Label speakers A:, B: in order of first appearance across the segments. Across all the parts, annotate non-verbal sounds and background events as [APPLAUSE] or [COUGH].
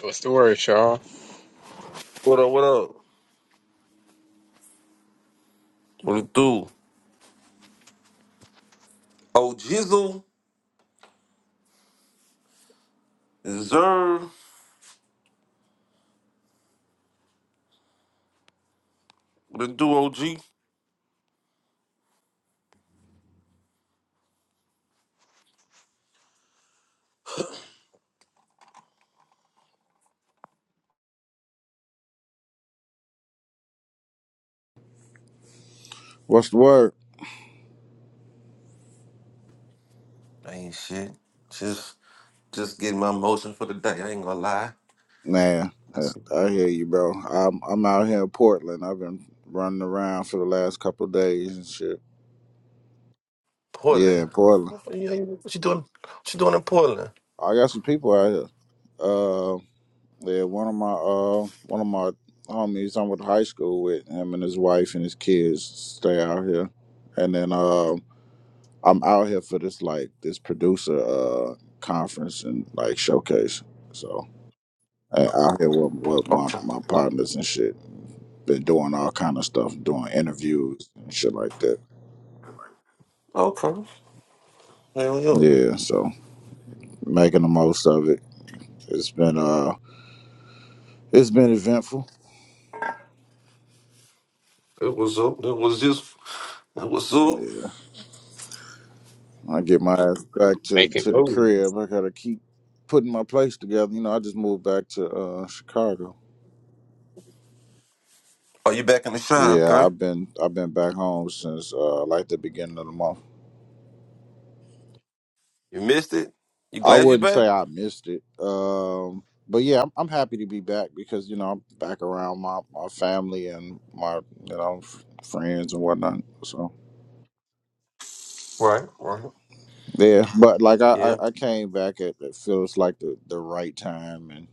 A: What's the word, Sean?
B: What up, what up? What it do? Oh, Jizzle, Zer, what it do, OG?
C: What's the word?
B: ain't shit. Just just getting my motion for the day. I ain't gonna lie.
C: Nah, I
B: That's
C: I hear you, bro. I'm I'm out here in Portland. I've been running around for the last couple of days and shit.
B: Portland.
C: Yeah, in Portland.
B: What you doing? What you doing in Portland?
C: I got some people out here. Uh, yeah, one of my uh one of my homies I went to high school with him and his wife and his kids stay out here, and then um I'm out here for this like this producer uh conference and like showcase. So I out here with, with my
B: Okay.
C: my partners and shit. been doing all kind of stuff, doing interviews and shit like that.
B: Okay. Hell yeah.
C: Yeah, so making the most of it. It's been uh, it's been eventful.
B: It was up. It was just, it was up.
C: Yeah, I get my ass back to
A: Make it
C: to the
A: move.
C: crib. I gotta keep putting my place together. You know, I just moved back to uh Chicago.
B: Are you back in the shine?
C: Yeah,
B: Okay.
C: I've been I've been back home since uh like the beginning of the month.
B: You missed it? You
C: I
B: glad you
C: wouldn't
B: back?
C: say I missed it. Um, but yeah, I'm, I'm happy to be back because you know I'm back around my, my family and my you know f- friends and whatnot. So
B: Right, right.
C: yeah, but like I,
B: Yeah.
C: I, I came back at it feels like the, the right time and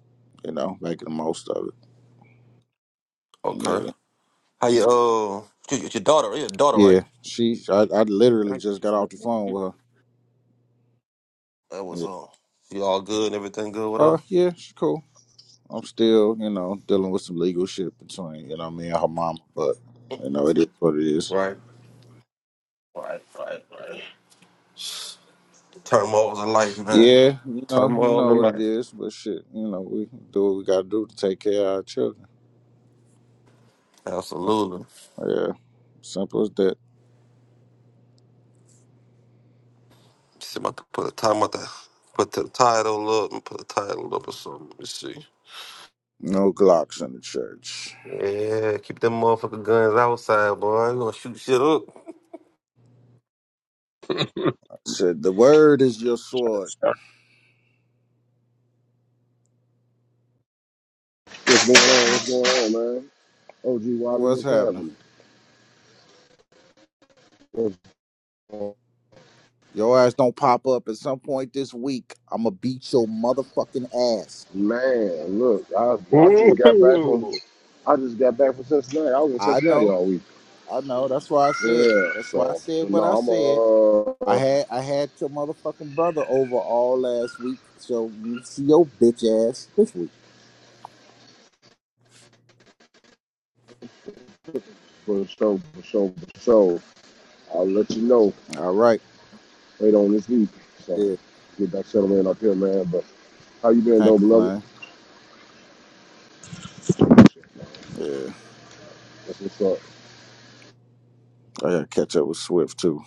C: you know making the most of it.
B: Okay.
C: Yeah,
B: How you, uh, your, your daughter, your daughter,
C: yeah. She I, I literally just got off the phone
B: right?
C: with her.
B: That was
C: Yeah.
B: all. You all good and everything good with her?
C: Uh yeah, she's cool. I'm still you know dealing with some legal shit between you know me and her mama, but you know it is what it is.
B: Right, right, right, right. Turmoils of life, man.
C: Yeah, you know, you
B: Turmoils
C: know
B: in
C: what it
B: life.
C: is, but shit, you know, we do what we gotta do to take care of our children.
B: Absolutely.
C: Yeah, simple as that.
B: See if I could put a time with that. Put the title up and put a title up or something. let me see.
C: No Glocks in the church.
B: Yeah, keep them motherfucking guns outside, boy. You gonna shoot shit up.
C: said the word is your sword.
D: What's going on? What's going on, man? OG Wabi,
C: What's
D: what's
C: happening?
D: happening? What's going on?
C: Your ass don't pop up at some point this week. I'ma beat your motherfucking ass.
D: Man, look, I
A: [LAUGHS]
D: I just got back from
A: Ooh.
D: I just got back from Cincinnati. I was in
C: I
D: Cincinnati
C: know,
D: all week.
C: I know. That's why I said.
D: Yeah,
C: That's why I
D: so but
C: said what I said.
D: no, I'm
C: I
D: uh
C: had I had your motherfucking brother over all last week, so we see your bitch ass this week.
D: for sure, for sure, for sure. I'll let you know
C: All right.
D: later on this week. So
C: yeah.
D: get back settled in up here, man. But how you been
C: I Can't
D: though, beloved?
C: complain. Yeah,
D: That's what's up.
C: I gotta catch up with Swift too.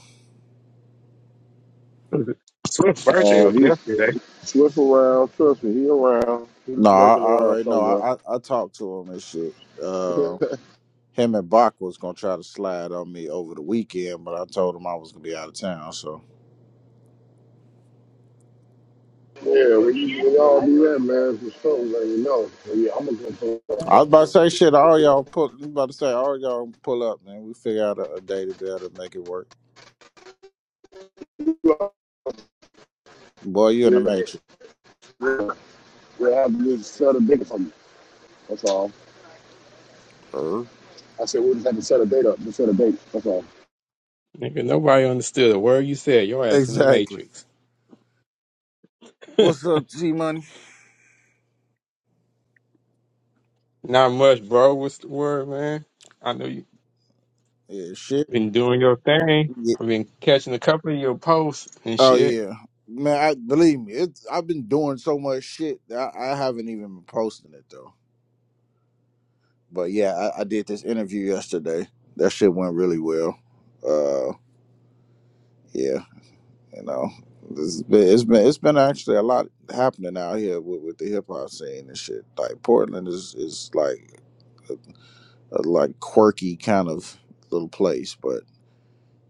A: Swift's birthday
D: Oh,
A: was
D: he's
A: yesterday.
D: swift around, trust me, he around. He's
C: No, I,
D: lurking
C: I
D: around
C: already know.
D: somewhere.
C: I, I I talked to him and shit.
D: [LAUGHS]
C: Uh, him and Bach was gonna try to slide on me over the weekend, but I told him I was gonna be out of town. So
D: Yeah, we, we all do that, man, for sure, let me know. But yeah, I'm gonna go
C: I was about
D: for
C: to say shit. All y'all pull. I was About to say all y'all pull up, man. We figure out a, a day to be able to make it work. Boy, you in the
D: yeah,
C: matrix.
D: yeah. We'll have to just set a date for me. That's all.
C: Er.
D: I said we'll just have to set a date up, just set a date. That's all.
A: Nigga, nobody understood a word you said. Your ass in the
C: Exactly.
A: matrix. [LAUGHS]
C: What's up, G Money?
A: Not much, bro. What's the word, man? I know you
C: Yeah, shit.
A: been doing your thing.
C: Yeah.
A: I've been catching a couple of your posts and
C: Oh
A: shit.
C: yeah. Man, I believe me, it's I've been doing so much shit that I, I haven't even been posting it though. But yeah, I, I did this interview yesterday. That shit went really well. Uh, yeah, you know, it's been, it's been it's been actually a lot happening out here with, with the hip hop scene and shit. Like Portland is is like a like quirky kind of little place, but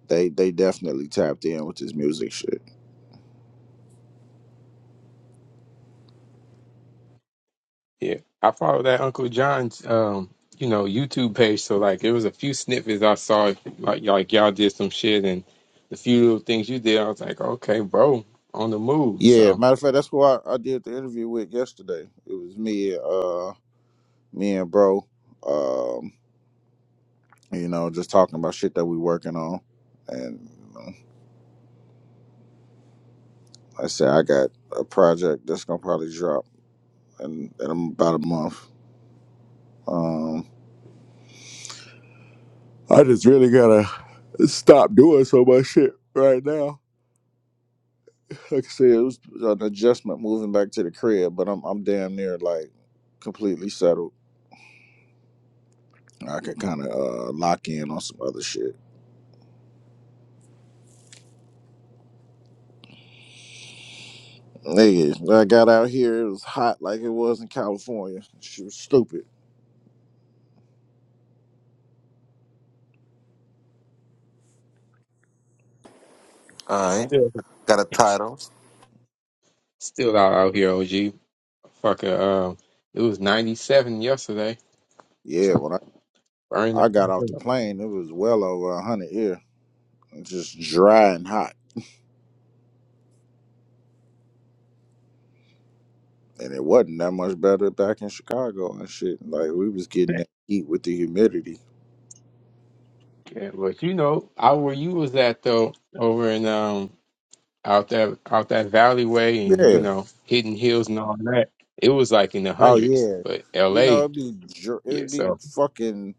C: they they definitely tapped in with this music shit.
A: Yeah, I follow that Uncle John's, um, you know, YouTube page. So like, it was a few snippets I saw. Like, y'all- like y'all did some shit, and the few little things you did, I was like, okay, bro, on the move.
C: Yeah,
A: So.
C: matter of fact, that's who I, I did the interview with yesterday. It was me, uh, me and bro. Um, you know, just talking about shit that we working on, and Like I said I got a project that's gonna probably drop in, in about a month. Um, I just really gotta stop doing so much shit right now. Like I said, it was an adjustment moving back to the crib, but I'm I'm damn near like completely settled. I can kind of uh, lock in on some other shit. Nigga, when I got out here, it was hot like it was in California. She was stupid.
B: Alright.
A: Still,
B: Got a title.
A: still out out here, OG. Fucking, um, it was 97 yesterday.
C: Yeah,
A: So
C: when I,
A: burn the
C: I got off
A: fuck
C: the
A: up.
C: plane, it was well over 100 here. Just dry and hot. and it wasn't that much better back in Chicago and shit. Like we was getting that heat with the humidity.
A: Yeah, but you know, out where you was at though, over in um out that out that valley way and you
C: Yeah.
A: know hidden hills and all that, it was like in the
C: Oh
A: hundreds.
C: yeah.
A: But
C: You know
A: L.A.
C: it'd be dr-
A: Yeah,
C: it'd be
A: so
C: fucking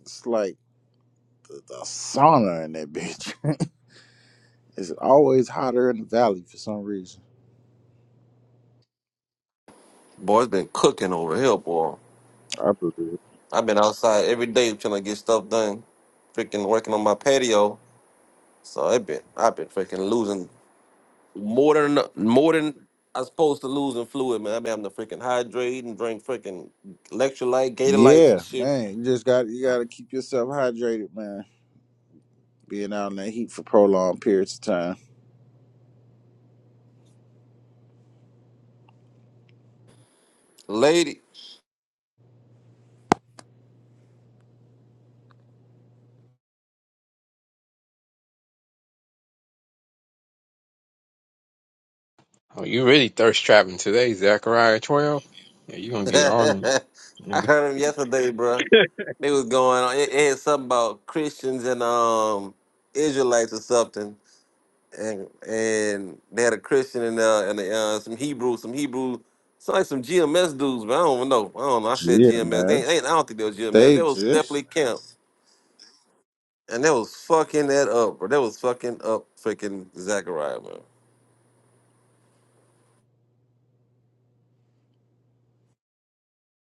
C: it's like a sauna in that bitch. [LAUGHS] it's always hotter in the valley for some reason.
B: Boy's been cooking over here, boy.
C: I believe it.
B: I've been outside every day trying to get stuff done. Freaking working on my patio. So I've been I've been freaking losing more than more than I supposed to lose in fluid, man. I be having to freaking hydrate and drink freaking electrolyte, Gatorlights and
C: Yeah,
B: shit.
C: man. You just got you got to keep yourself hydrated, man. Being out in that heat for prolonged periods of time.
B: Lady,
A: oh, you really thirst trapping today, Zachariah 12. Yeah, you gonna
B: [LAUGHS]
A: get all them
B: I
A: nigga.
B: heard him yesterday, bruh. They was going on. It, it had something about Christians and um Israelites or something, and and they had a Christian and uh and uh, some Hebrew, some Hebrew. Sound like some GMS dudes, but I don't know. I don't know. I said
C: Yeah,
B: GMS.
C: man.
B: They ain't. I don't think they were GMS.
C: They
B: They was definitely
C: exist.
B: camp. and that was fucking that up, bro. That was fucking up freaking Zachariah, man.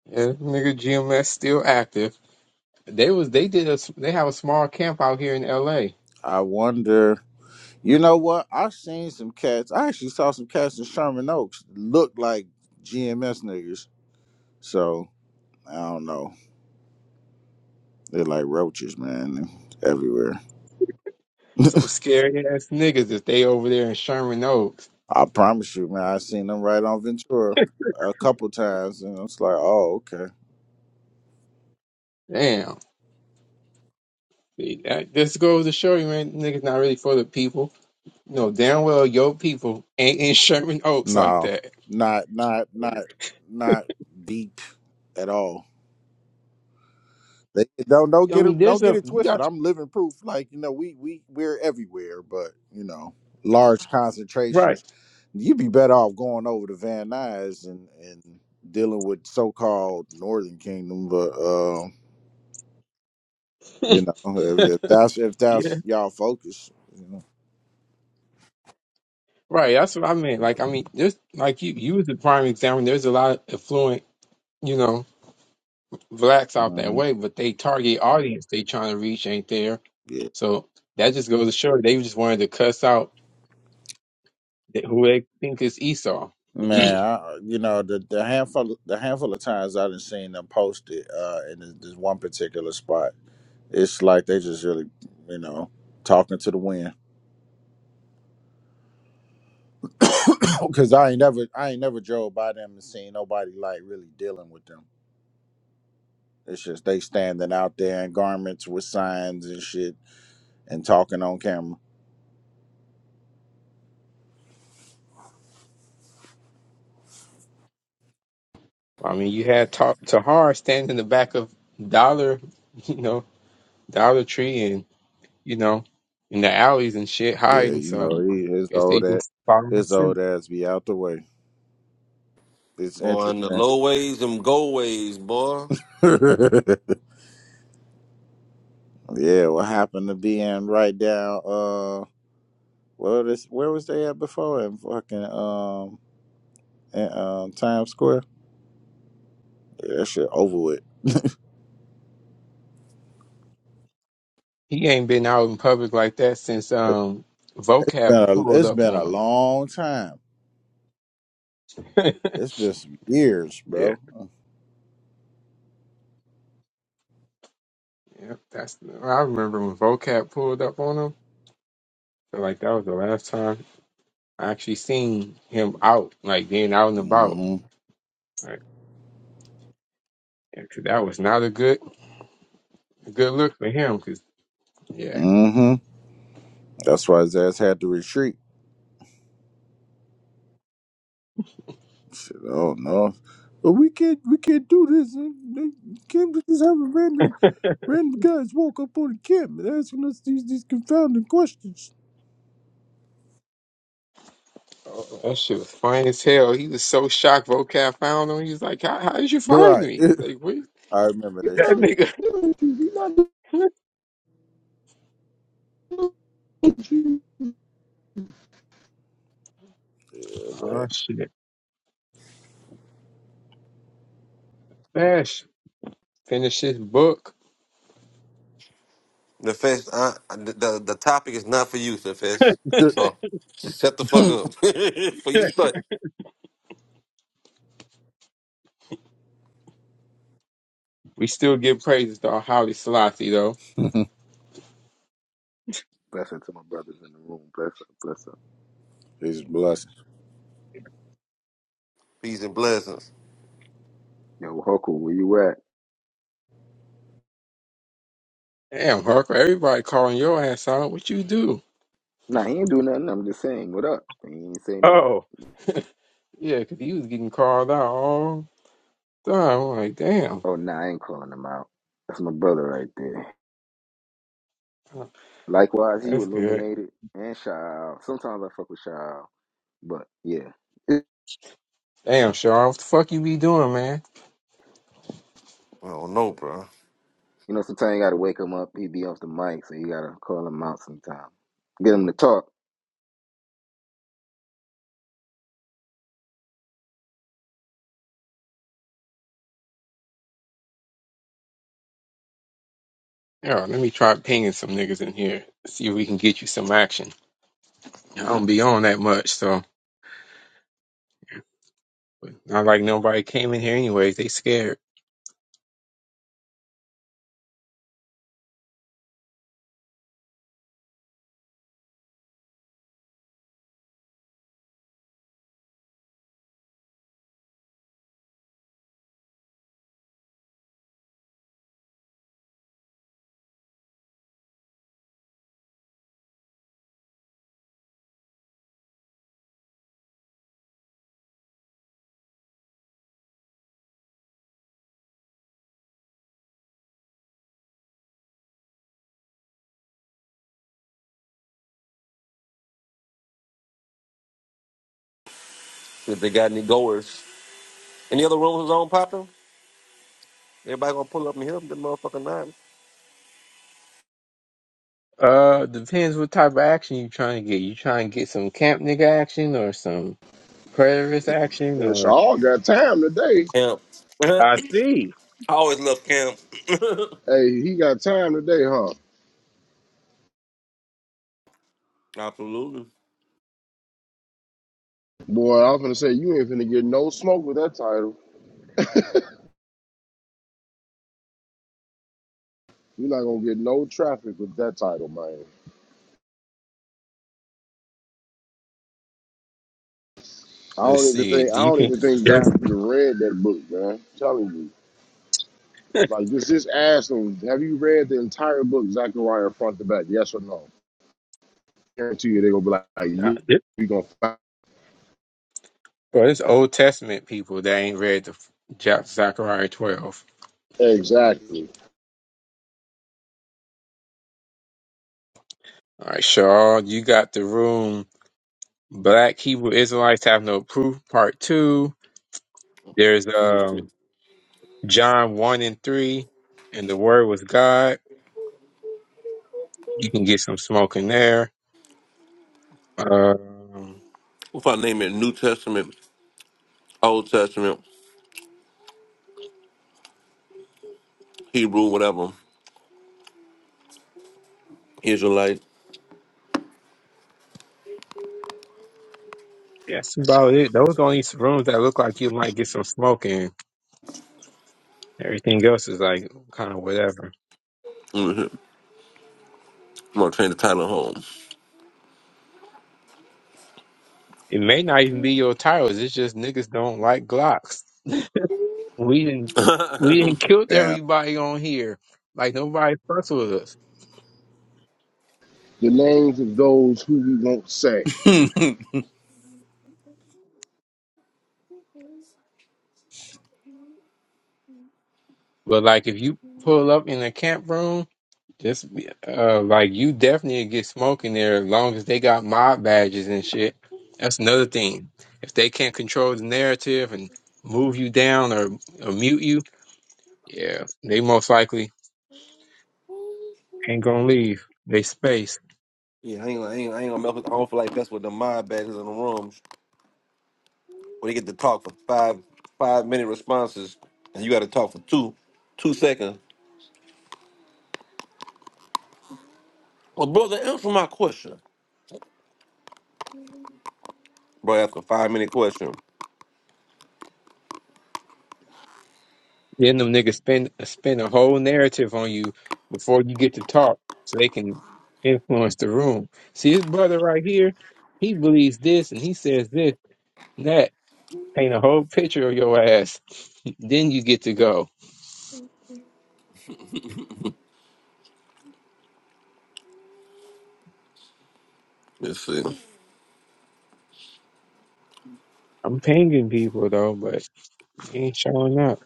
A: Yeah, nigga GMS still active. They was they did a s- they have a small camp out here in L.A
C: I wonder. You know what? I've seen some cats. I actually saw some cats in Sherman Oaks look like GMS niggas. So I don't know. They're like roaches, man, They're everywhere.
A: Some scary ass niggas if they over there in Sherman Oaks.
C: I promise you, man. I seen them right on Ventura a couple times, and it's like, oh, okay.
A: Damn. See, that just goes to show you, man, niggas not really for the people. You know, damn well your people ain't in Sherman Oaks like
C: No,
A: that.
C: not, not, not, not deep at all. They, don't don't
A: I
C: get
A: mean,
C: it
A: there's
C: don't get
A: a
C: it
A: you
C: twisted.
A: got
C: I'm living proof. Like you know, we we we're everywhere, but you know, large
A: right.
C: concentrations. You'd be better off going over to Van Nuys and and dealing with so called Northern Kingdom. But uh,
A: [LAUGHS]
C: you
A: yeah.
C: know, if, if that's if that's y'all focus, you know,
A: Right. That's what I meant. Like, I mean, there's like you you was the prime example. There's a lot of affluent, you know, blacks out that
C: um,
A: way, but they target audience they trying to reach ain't there.
C: yeah.
A: So that just goes to show they just wanted to cuss out th- who they think is Esau.
C: Man, I, you know the, the handful the handful of times I've seen them posted uh, in this, this one particular spot, it's like they just really, you know, talking to the wind [COUGHS] Cause I ain't never I ain't never drove by them and seen nobody like really dealing with them. It's just they standing out there in garments with signs and shit and talking on camera.
A: I mean, you had Ta- Tahar standing in the back of Dollar, [LAUGHS] you know, Dollar Tree, and you know, in the alleys and shit,
C: Yeah,
A: hiding.
C: you know,
A: So
C: he, his
A: guess they
C: old ass
A: just following
C: his
A: suit.
C: old ass be out the way. It's
B: Boy, and the
C: interesting.
B: low ways, them go ways, boy.
C: [LAUGHS] yeah, what happened to being right down uh well this where was they at before in fucking um in, um Times Square? Yeah, that shit over with.
A: He ain't been out in public like that since
C: It-
A: um
C: It's
A: Vocab
C: been a,
A: pulled
C: it's
A: up
C: been a
A: on him.
C: long time.
A: [LAUGHS]
C: It's been some years,
A: yeah,
C: bro.
A: yeah, that's. I remember when Vocab pulled up on him. I Feel like that was the last time I actually seen him out, like being out and about.
C: hmm
A: Like, yeah, 'cause that was not a good, a good look for him. Cause yeah.
C: hmm That's why his ass had to retreat. Shit, oh no. But we can't we can't do this. They can't just have a random random guys walk up on the camp and asking us these these confounding questions.
A: Oh, that shit was funny as hell. He was so shocked. Vocab found him. He's like, "How, how did you find
C: Right.
A: me?
C: [LAUGHS]
A: Like, what
C: I remember
D: We
C: that
A: that
D: not
C: shit.
A: nigga?"
D: doing you. We not doing you.
A: [LAUGHS] oh
C: Yeah,
A: shit, Bash finish his book.
B: The fest, I, I- the, the the topic is not for you, the fest.
A: [LAUGHS]
B: So just shut the fuck up. [LAUGHS] for you start
A: we still give praises to our Holly Selassie though.
C: man.
E: Blessing to my brothers in the room. Bless up, bless up.
C: [LAUGHS] He's blessed.
B: peace and blessings.
E: Yo, Huckle, where you at?
A: Damn, Harker, everybody calling your ass out. What you do?
E: Nah, he ain't do nothing. I'm just saying, what up? And He ain't say nothing.
A: Oh, yeah, 'cause he was getting called out all the time. I'm like, damn,
E: Oh, nah, I ain't calling him out. That's my brother right there.
A: Okay,
E: Likewise, you
A: that's good.
E: illuminated and Shaw. Sometimes I fuck with Shaw, but yeah. It-
A: Damn, Shaw, what the fuck you be doing, man?
B: I don't know, bro.
E: You know, sometimes you gotta wake him up. He be off the mic, so you gotta call him out sometime. Get him to talk.
A: Yeah, let me try pinging some niggas in here. See if we can get you some action. I don't be on that much, so. Not like nobody came in here anyways. They scared.
B: If they got any goers, any other rooms on popping? Everybody gonna pull up and help them motherfucking nine.
A: Uh, depends what type of action you trying to get. You trying to get some camp nigga action or some predatorist action
D: Yeah,
A: or?
D: Shaw got time today.
B: Camp. [LAUGHS]
A: I
B: I
A: see.
B: always love camp. [LAUGHS]
D: Hey, he got time today, huh?
B: Absolutely.
D: Boy, I was gonna say you ain't finna get no smoke with that title. You're not gonna get no traffic with that title, man. I
A: Let's
D: don't even
A: see.
D: think I
A: Do you
D: don't
A: think?
D: even think guys
A: there's
D: should read that book, man. I'm telling you.
A: [LAUGHS]
D: Like this, just ask have you read the entire book, Zechariah front to back? Yes or no? Guarantee you they're gonna be like, "Like,
A: nah,
D: yeah,
A: this,
D: we gonna find
A: bro, there's Old Testament people that ain't read the Jac- Zechariah twelve.
D: exactly
A: All right, Shaw, you got the room. Black Hebrew Israelites have no proof. Part two. There's
B: Let me
A: um
B: see.
A: John one and three, and the Word was God. You can get some smoke in there. Um,
B: What if I name it New Testament, Old Testament? Hebrew, whatever, Israelite.
A: yeah, that's about it. Those are the only rooms that look like you might get some smoke in. Everything else is like kind of whatever.
B: hmm I'm gonna change the title home.
A: It may not even be your titles. It's just niggas don't like Glocks. We didn't we didn't kill
C: Damn.
A: everybody on here. Like nobody fucks with us.
D: the names of those who we won't say.
C: [LAUGHS] Hold
A: But like if you pull up in a camp room Just be- uh, like you definitely get smoke in there as long as they got mob badges and shit. That's another thing. If they can't control the narrative and move you down or, or mute you, yeah, they most likely ain't gonna leave. They space.
B: Yeah, I ain't, I ain't, I ain't gonna mess with. I don't feel like that's what the mind badges in the rooms. when they get to talk for five five minute responses and you got to talk for two two seconds. Well, brother, answer my question. Bro, ask a five minute question.
A: Then them niggas spend spend a whole narrative on you before you get to talk, so they can influence the room. See his brother right here. He believes this and he says this and that. Paint a whole picture of your ass. [LAUGHS] then you get to go.
B: Let's see.
A: I'm pinging people though, but he ain't showing up.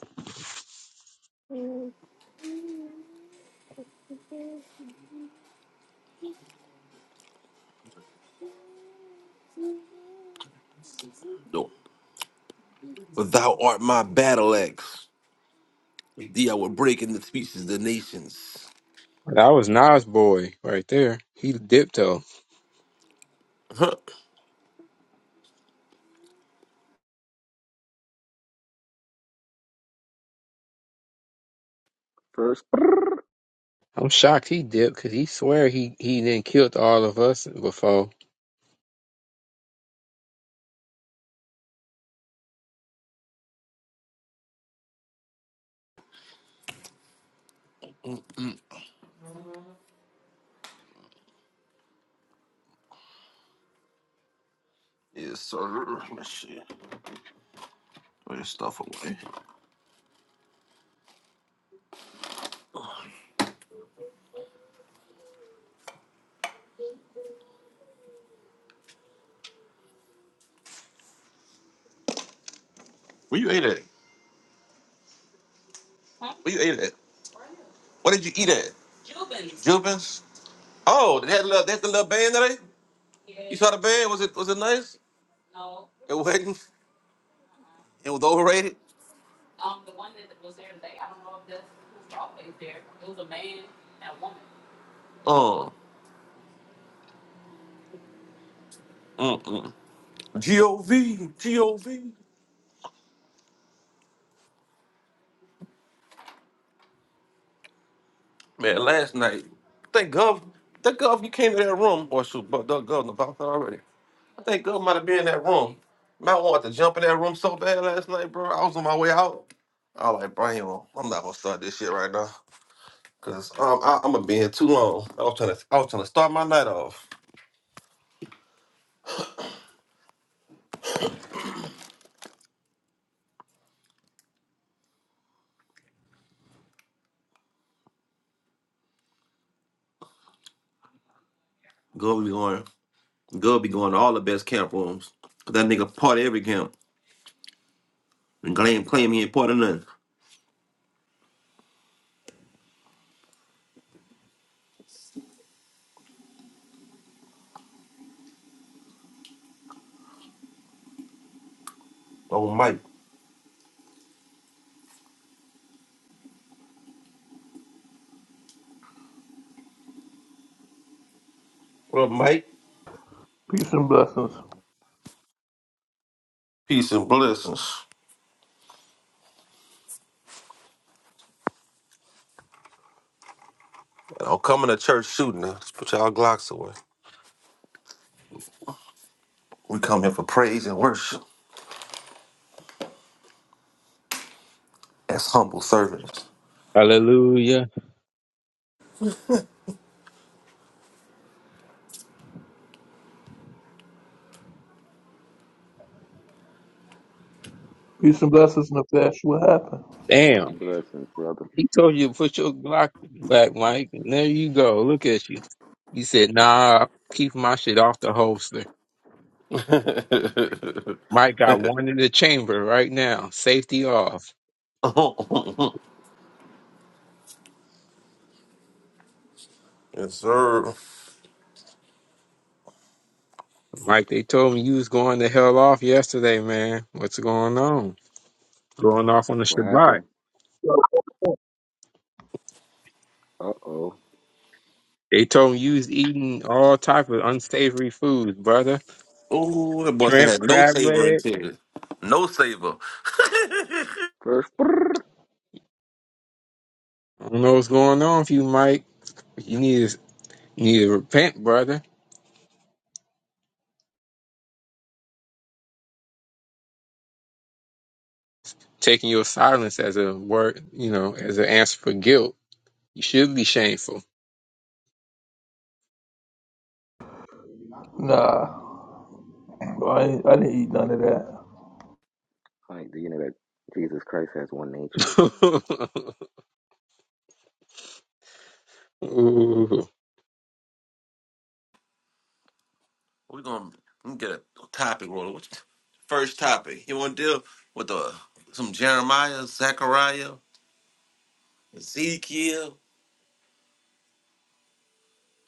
B: No. For thou art my battle axe. With Thee I will break into pieces the nations.
A: That was Nas boy right there. He dipped though.
B: Huh.
E: First, brrr.
A: I'm shocked he dipped because he swear he he didn't killed all of us before.
B: Yes, sir. Let's see. Put your stuff away. Where you ate at? Where you ate at? What did you eat at? Jubin's. Jubins. Oh, that little that the little band today. You saw the band? Was it was it nice? It wasn't. It was overrated. Oh, mm-mm. Gov Man, last night. Thank Gov. Thank Gov. You came to that room, or shoot, but Doug Gov about that already. I think Gov might have been in that room. Man, I wanted to jump in that room so bad last night, bro. I was on my way out. I was like, bro, I ain't gonna- I'm not gonna start this shit right now. Cause um, I, I'm gonna be here too long. I was trying to, I was trying to start my night off. Go be going, go be going to all the best camp rooms. Cause that nigga party every camp and claim claim he ain't part of nothing. Oh Mike, what up, Mike?
F: Peace and blessings.
B: Peace and blessings. I am coming to church shooting. now. Just put y'all Glocks away. We come here for praise and worship as humble servants.
A: Hallelujah.
F: Peace and blessings, Nefesh. What happened?
E: peace
A: Damn.
E: and blessings, brother.
A: He told you to put your Glock back, Mike. And there you go. Look at you. You said, nah, keep my shit off the holster.
B: [LAUGHS] yes,
A: Mike got one in the chamber right now. Safety off.
B: sir.
A: Mike, they told me you was going the hell off yesterday, man. What's going on? Going off on the
E: What
A: Shabbat.
E: happened? Uh oh.
A: They told him you was eating all type of unsavory foods, brother.
B: Ooh, that boy said
A: Shrimp,
B: had no
A: crab
B: savor in
A: leg.
B: it. No savor. [LAUGHS]
E: First, [LAUGHS] brrr.
A: I don't know what's going on with you, Mike. You need to you need to repent, brother. Taking your silence as a word, you know, as an answer for guilt. You should be shameful.
F: Nah, I, ain't- I didn't eat none of that.
E: like, do you know that Jesus Christ has one nature?
A: [LAUGHS] Ooh,
B: We're gonna, we gonna get a topic rolling. What you- First topic. You wanna deal with the some Jeremiah, Zechariah, Ezekiel,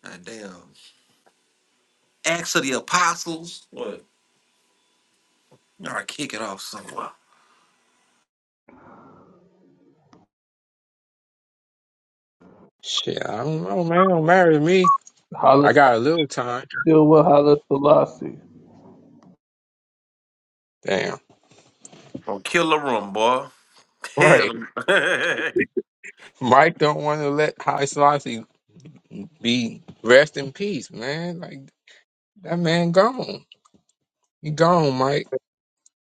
B: God damn. Acts of the Apostles. What? All right, kick it off somewhere.
A: shit, I don't know, man. Don't marry me. I
F: Holla
A: got a little time.
F: Silva, Holla Selassie.
A: Damn.
B: Gonna kill the room, boy.
A: Right.
B: Hell. [LAUGHS]
A: Mike don't want to let High Selassie be rest in peace, man. Like that man gone. He gone, Mike.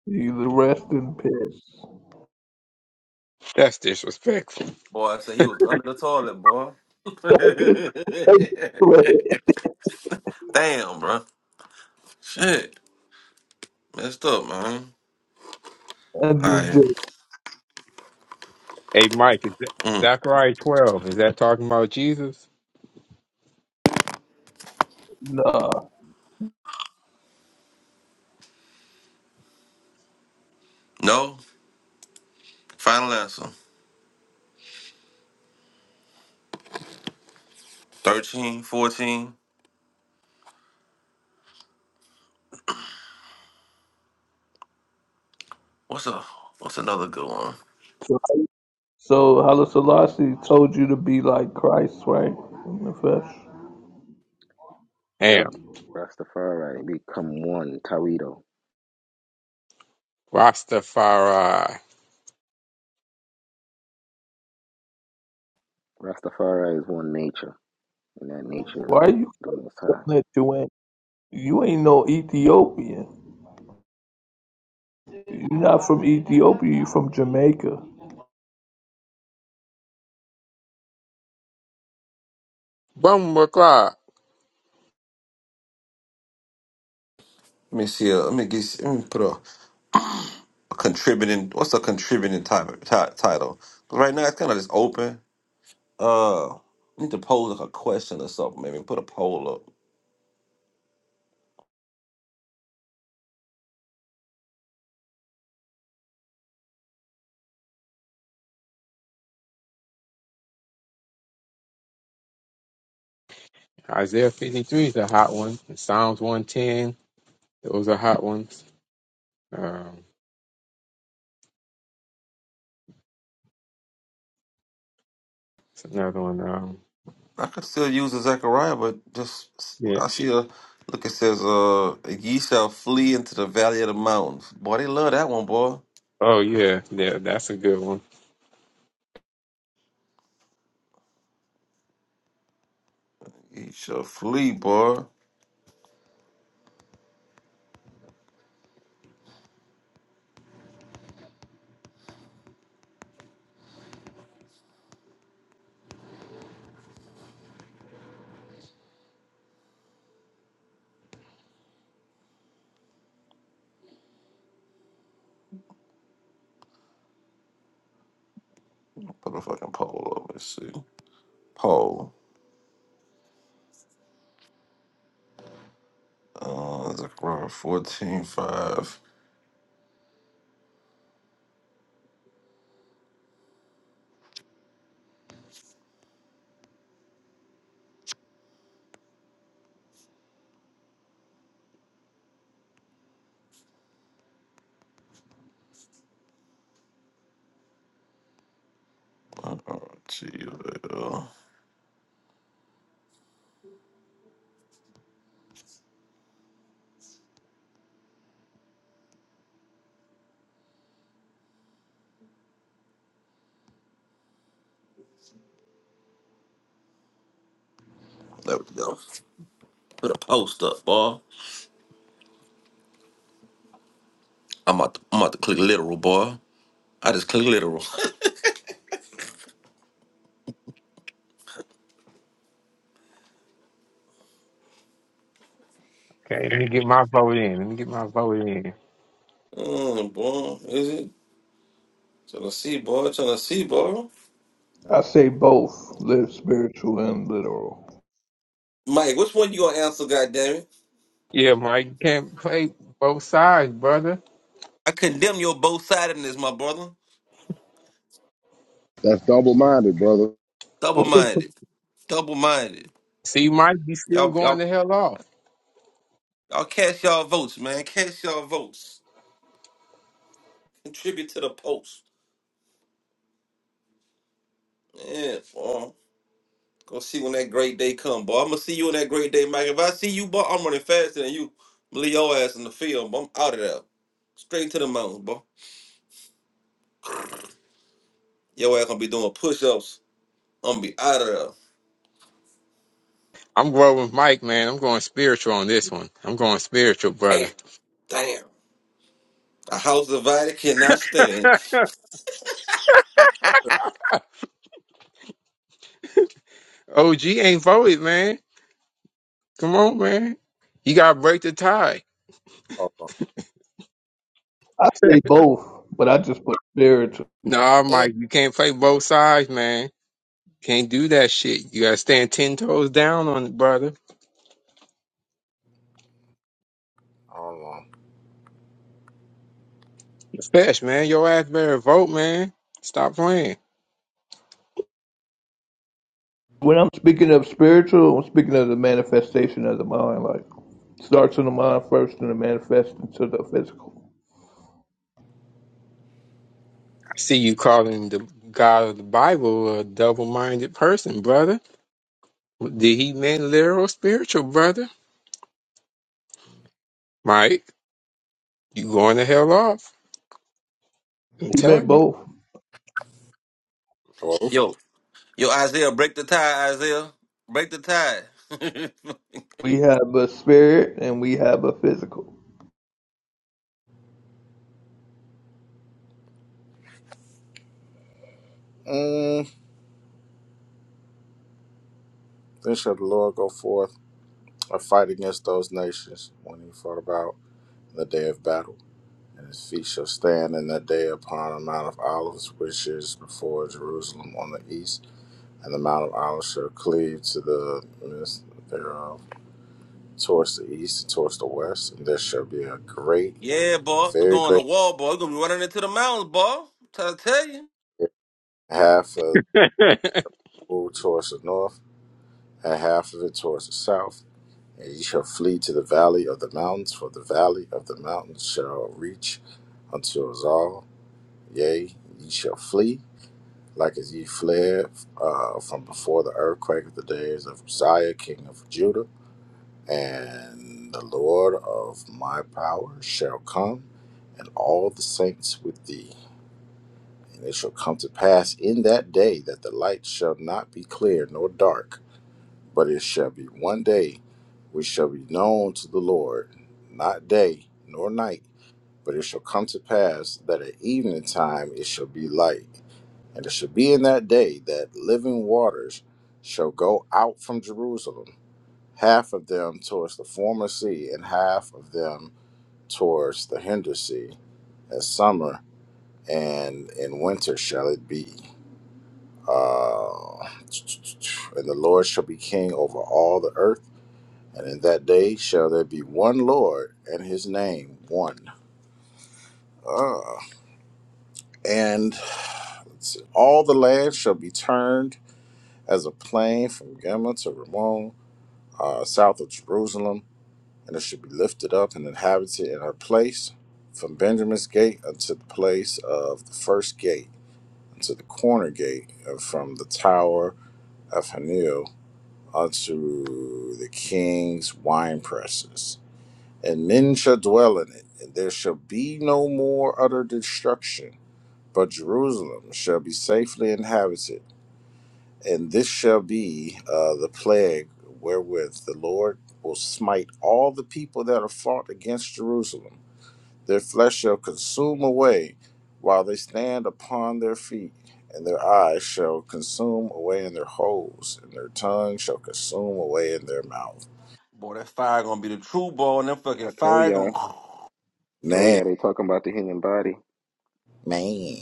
F: You the rest in peace.
A: That's disrespectful.
B: boy, I said he was under the toilet, boy.
F: [LAUGHS]
B: [LAUGHS] Damn, bro. Shit. Messed up, man.
F: I
B: All
F: just
B: right.
F: did.
A: Hey, Mike, is that
B: Mm.
A: Zechariah 12, is that talking about Jesus?
F: Nah.
B: No. Final answer. 13, 14. What's a what's another good one?
F: So, so Haile Selassie told you to be like Christ, right? In the flesh.
A: Damn.
E: Yup. Rastafari become one, Tawido.
A: Rastafari.
E: Rastafari is one nature, and that nature is
F: Why are
E: with
F: you
E: the Most High.
F: something that you ain't? You ain't no Ethiopian. You're not from Ethiopia. You're from Jamaica.
A: Boom, o'clock.
B: Let me see. Uh, let me get. Let me put a, a contributing. What's a contributing type ti- title? 'Cause right now it's kind of just open. Uh, I need to pose like a question or something. Maybe put a poll up.
A: Isaiah 53 is a hot one. And Psalms 110, those are hot ones. Um, it's another one. Um,
B: I could still use a Zechariah, but just
A: yeah.
B: I see a look. It says, "Uh, ye shall flee into the valley of the mountains." Boy, they love that one, boy.
A: Oh, yeah. Yeah, that's a good one.
B: Ye shall flee, boy. Put a fucking poll up. Let's see. Poll. Uh, Zechariah fourteen five. Oh, gee, well. There we go. Put a post up, boy. I'm about to, I'm about to click literal, boy. I just click literal.
A: Okay, let me get my vote in. Let me get my vote in.
B: [LAUGHS] mm, boy, is it? Trying to see, boy. Trying to see, boy.
F: I say both, live spiritual and literal.
B: Mike, which one you gonna answer, goddammit?
A: Yeah, Mike, you can't play both sides, brother.
B: I condemn your both sidedness, my brother.
D: That's double minded, brother.
B: Double
A: [LAUGHS]
B: minded. Double minded.
A: See, Mike, you still
B: Y'all,
A: going
B: y'all,
A: the hell off.
B: y'all cast y'all votes, man. Cast y'all votes. Contribute to the post. Yeah, boy. Gonna see when that great day come, boy. I'm gonna see you on that great day, Mike. If I see you, boy, I'm running faster than you. I'm leave your ass in the field, boy. I'm out of there. Straight to the mountains, boy. Your ass gonna be doing push-ups. I'm gonna be out of
A: I'm going with Mike, man. I'm going spiritual on this one. I'm going spiritual, brother.
B: there. Damn. Damn. A house divided cannot stand.
A: [LAUGHS] OG ain't voted, man. Come on, man. You gotta break the tie.
C: on.
F: I say both, but I just put spiritual.
A: Nah,
C: Eh,
A: Mike, you can't play both sides, man. Can't do that shit. You gotta stand ten toes down on it, brother.
C: Hold on.
A: Fetch, man. Your ass better vote, man. Stop playing.
F: When I'm speaking of spiritual, I'm speaking of the manifestation of the mind. Like starts in the mind first, and it manifests into the physical.
A: I see you calling the God of the Bible a double-minded person, brother. Did he mean literal spiritual, brother? Mike, you going to hell off. I'm
F: He meant
A: telling you.
F: both.
C: Both.
B: Yo, yo, Isaiah, break the tie, Isaiah. Break the tie. [LAUGHS]
F: We have a spirit and we have a physical.
C: Mm. Then shall the Lord go forth and fight against those nations when he fought about. in the day of battle. And his feet shall stand in that day upon the Mount of Olives, which is before Jerusalem on the east. And the Mount of Olives shall cleave to the midst thereof towards the east and towards the west. And there shall be a great,
B: yeah,
C: a
B: boy.
C: very
B: Going to
C: great
B: wall, boy. You're gonna be running into the mountains, boy. I'm trying to tell you.
C: fear, half of it towards the north, and half of it towards the south. And ye shall flee to the valley of the mountains, for the valley of the mountains shall reach unto us all. Yea, ye shall flee like as ye fled uh, from before the earthquake of the days of Uzziah, king of Judah, and the Lord of my power shall come, and all the saints with thee. And it shall come to pass in that day that the light shall not be clear nor dark, but it shall be one day which shall be known to the Lord, not day nor night but it shall come to pass that at evening time it shall be light. And it shall be in that day that living waters shall go out from Jerusalem, half of them towards the former sea, and half of them towards the hinder sea, as summer and in winter shall it be. Uh, and the Lord shall be king over all the earth. And in that day shall there be one Lord, and his name one. Uh, and All the land shall be turned as a plain from Gemma to Ramon, uh, south of Jerusalem, and it shall be lifted up and inhabited in her place from Benjamin's gate unto the place of the first gate, unto the corner gate, and from the tower of Hanil unto the king's wine presses. And men shall dwell in it, and there shall be no more utter destruction, but Jerusalem shall be safely inhabited And this shall be uh, the plague wherewith the Lord will smite all the people that are fought against Jerusalem. Their flesh shall consume away while they stand upon their feet, and their eyes shall consume away in their holes, and their tongue shall consume away in their mouth.
B: Boy, that fire gonna be the true ball, and that
E: I
B: fucking
E: told
B: fire
E: y'all,
B: gonna
E: told
C: Man,
E: y'all they talking about the human body.
C: man,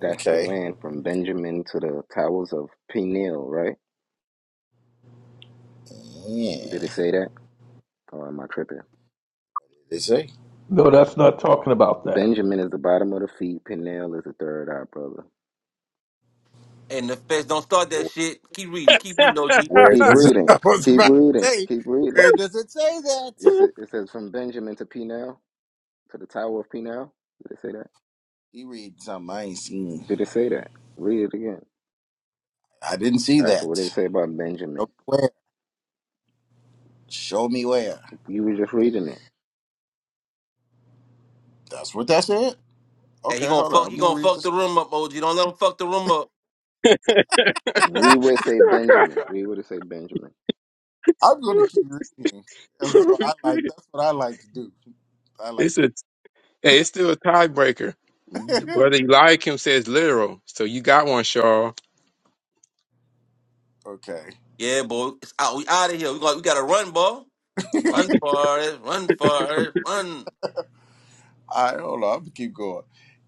E: That's the
C: okay.
E: land from Benjamin to the towers of Peniel, right? Did
C: Yeah.
E: it say that? Or am I tripping?
C: Did it say?
F: No, that's not talking about that.
E: Benjamin is the bottom of the feet. Peniel is the third eye, brother.
B: And the feds don't start that shit. Keep reading, keep reading, OG.
C: Where
E: Keep
C: does it? [LAUGHS]
E: reading.
C: I was
E: Keep
C: about to
E: reading.
C: say,
E: Keep reading.
C: where does it say that?
E: Yes, it, it says from Benjamin to Peniel, to the tower of Peniel. Did it say that?
C: He read something I ain't seen.
E: Did it say that? Read it again.
C: I didn't see
E: All right, so what
C: that.
E: did it say about
C: Show
E: Benjamin?
C: me where. Show me where.
E: You were just reading it.
C: That's what that said.
B: And he
C: Okay,
B: gonna
C: hold on.
B: fuck,
C: I'm
B: he
C: gonna
B: gonna
C: read
B: fuck
C: this.
B: the room up, OG. Don't let him fuck the room up.
E: We would say
A: [LAUGHS]
E: Benjamin. We would say Benjamin.
C: I'm gonna keep reading, and so I like. That's what I like to do. I like
A: it's a hey, it's still a tiebreaker.
C: to.
A: Brother Eliakim says literal, so you got one, Shaw.
C: [LAUGHS] okay.
B: Yeah, boy, it's out. We out of here. We got, we gotta run, boy. Run for it, run for it, run.
C: All right, hold on. I'm gonna keep going.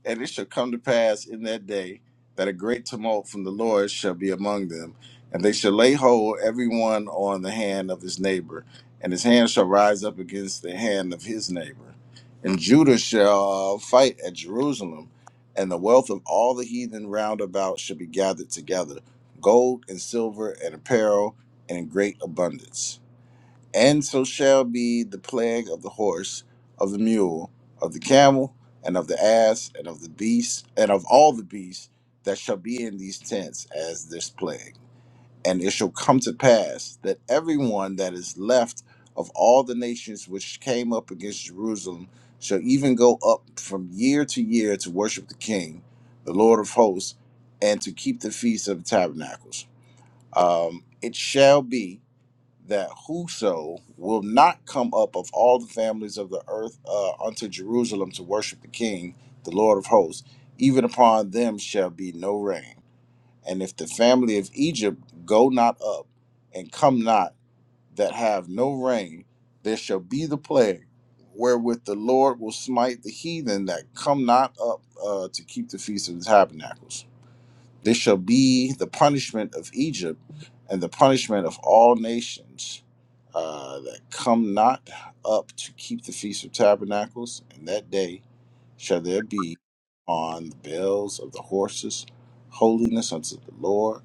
C: And it shall come to pass in that day that a great tumult from the Lord shall be among them, and they shall lay hold every one on the hand of his neighbor, and his hand shall rise up against the hand of his neighbor. And Judah shall fight at Jerusalem, and the wealth of all the heathen round about shall be gathered together, gold and silver and apparel and in great abundance. And so shall be the plague of the horse, of the mule, of the camel, and of the ass, and of the beast, and of all the beasts that shall be in these tents as this plague. And it shall come to pass that everyone that is left of all the nations which came up against Jerusalem shall even go up from year to year to worship the King, the Lord of hosts, and to keep the feast of the tabernacles. Um, it shall be that whoso will not come up of all the families of the earth uh, unto Jerusalem to worship the King, the Lord of hosts, even upon them shall be no rain. And if the family of Egypt go not up, and come not that have no rain, there shall be the plague wherewith the Lord will smite the heathen that come not up uh, to keep the feast of the tabernacles. This shall be the punishment of Egypt and the punishment of all nations uh, that come not up to keep the Feast of Tabernacles. And that day shall there be on the bells of the horses holiness unto the Lord,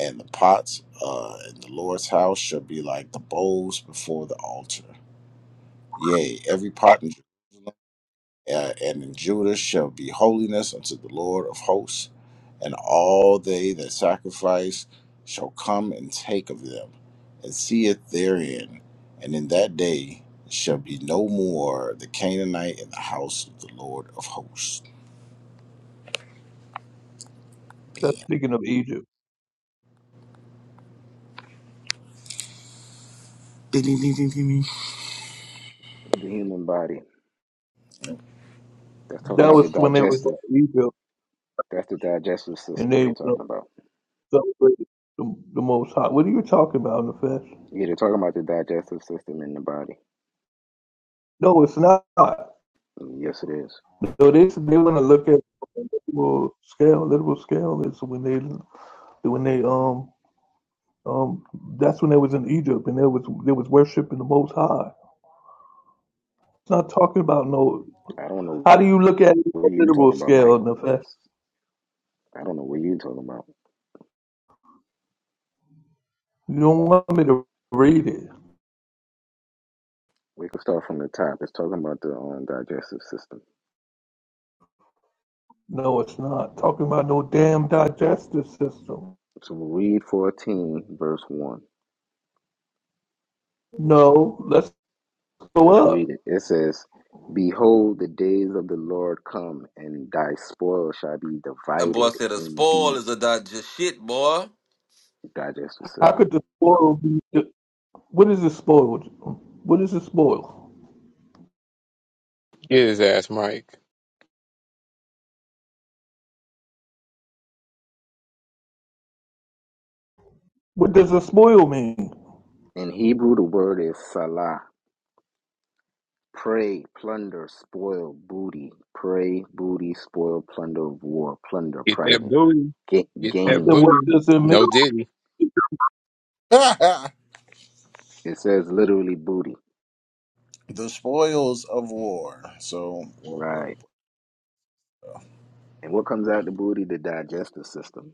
C: and the pots uh, in the Lord's house shall be like the bowls before the altar. Yea, every pot in Jerusalem uh, and in Judah shall be holiness unto the Lord of hosts, and all they that sacrifice shall come and take of them, and see it therein. And in that day shall be no more the Canaanite in the house of the Lord of hosts.
F: That's
C: Bam.
F: speaking of Egypt.
E: The human body. That's talking
F: That
E: about the
F: was when they were
E: digestive.
F: in Egypt
E: That's the digestive
F: and
E: system
F: they
E: they're
F: went up
E: talking about.
F: to celebrate the, the Most High. What are you talking about, Nefesh?
E: Yeah, they're talking about the digestive system in the body.
F: No, it's not. So
E: Yes, it is.
F: they they want to look at literal scale. Literal scale is when they when they um um that's when they was in Egypt and they was they was worshiping the Most High. It's not talking about no.
E: I don't know
F: How do you look at it on
E: what
F: a
E: you
F: literal
E: talking about,
F: scale,
E: Michael.
F: Nefesh?
E: That's, I don't know what you talking about.
F: You don't want me to read it.
E: We can start from the top. It's talking about the um, digestive system.
F: No, it's not talking about no damn digestive system.
E: So we'll read 14, verse 1.
F: No, let's go
E: Let's
F: up.
E: read it. It says, Behold, the days of the Lord come, and thy spoil shall be
B: That boy
E: divided
B: said a
E: in
B: spoil
E: thee,
B: is a dodge shit, boy.
E: digestive
F: How
E: system.
F: could the spoil be? What is the spoil? What is the spoil?
A: Get his ass, Mike.
F: What does a spoil mean?
E: In Hebrew, the word is salah. Prey, plunder, spoil, booty. Prey, booty, spoil, plunder of war, plunder,
A: Get that
E: private.
A: booty.
E: get,
A: Get
F: I
A: that
F: said,
E: gain.
F: what
A: booty.
F: does it mean?
A: No diddy.
C: [LAUGHS]
E: It says literally booty.
C: the spoils of war. So, what- what-
E: Right. And what comes out the booty? The digestive system.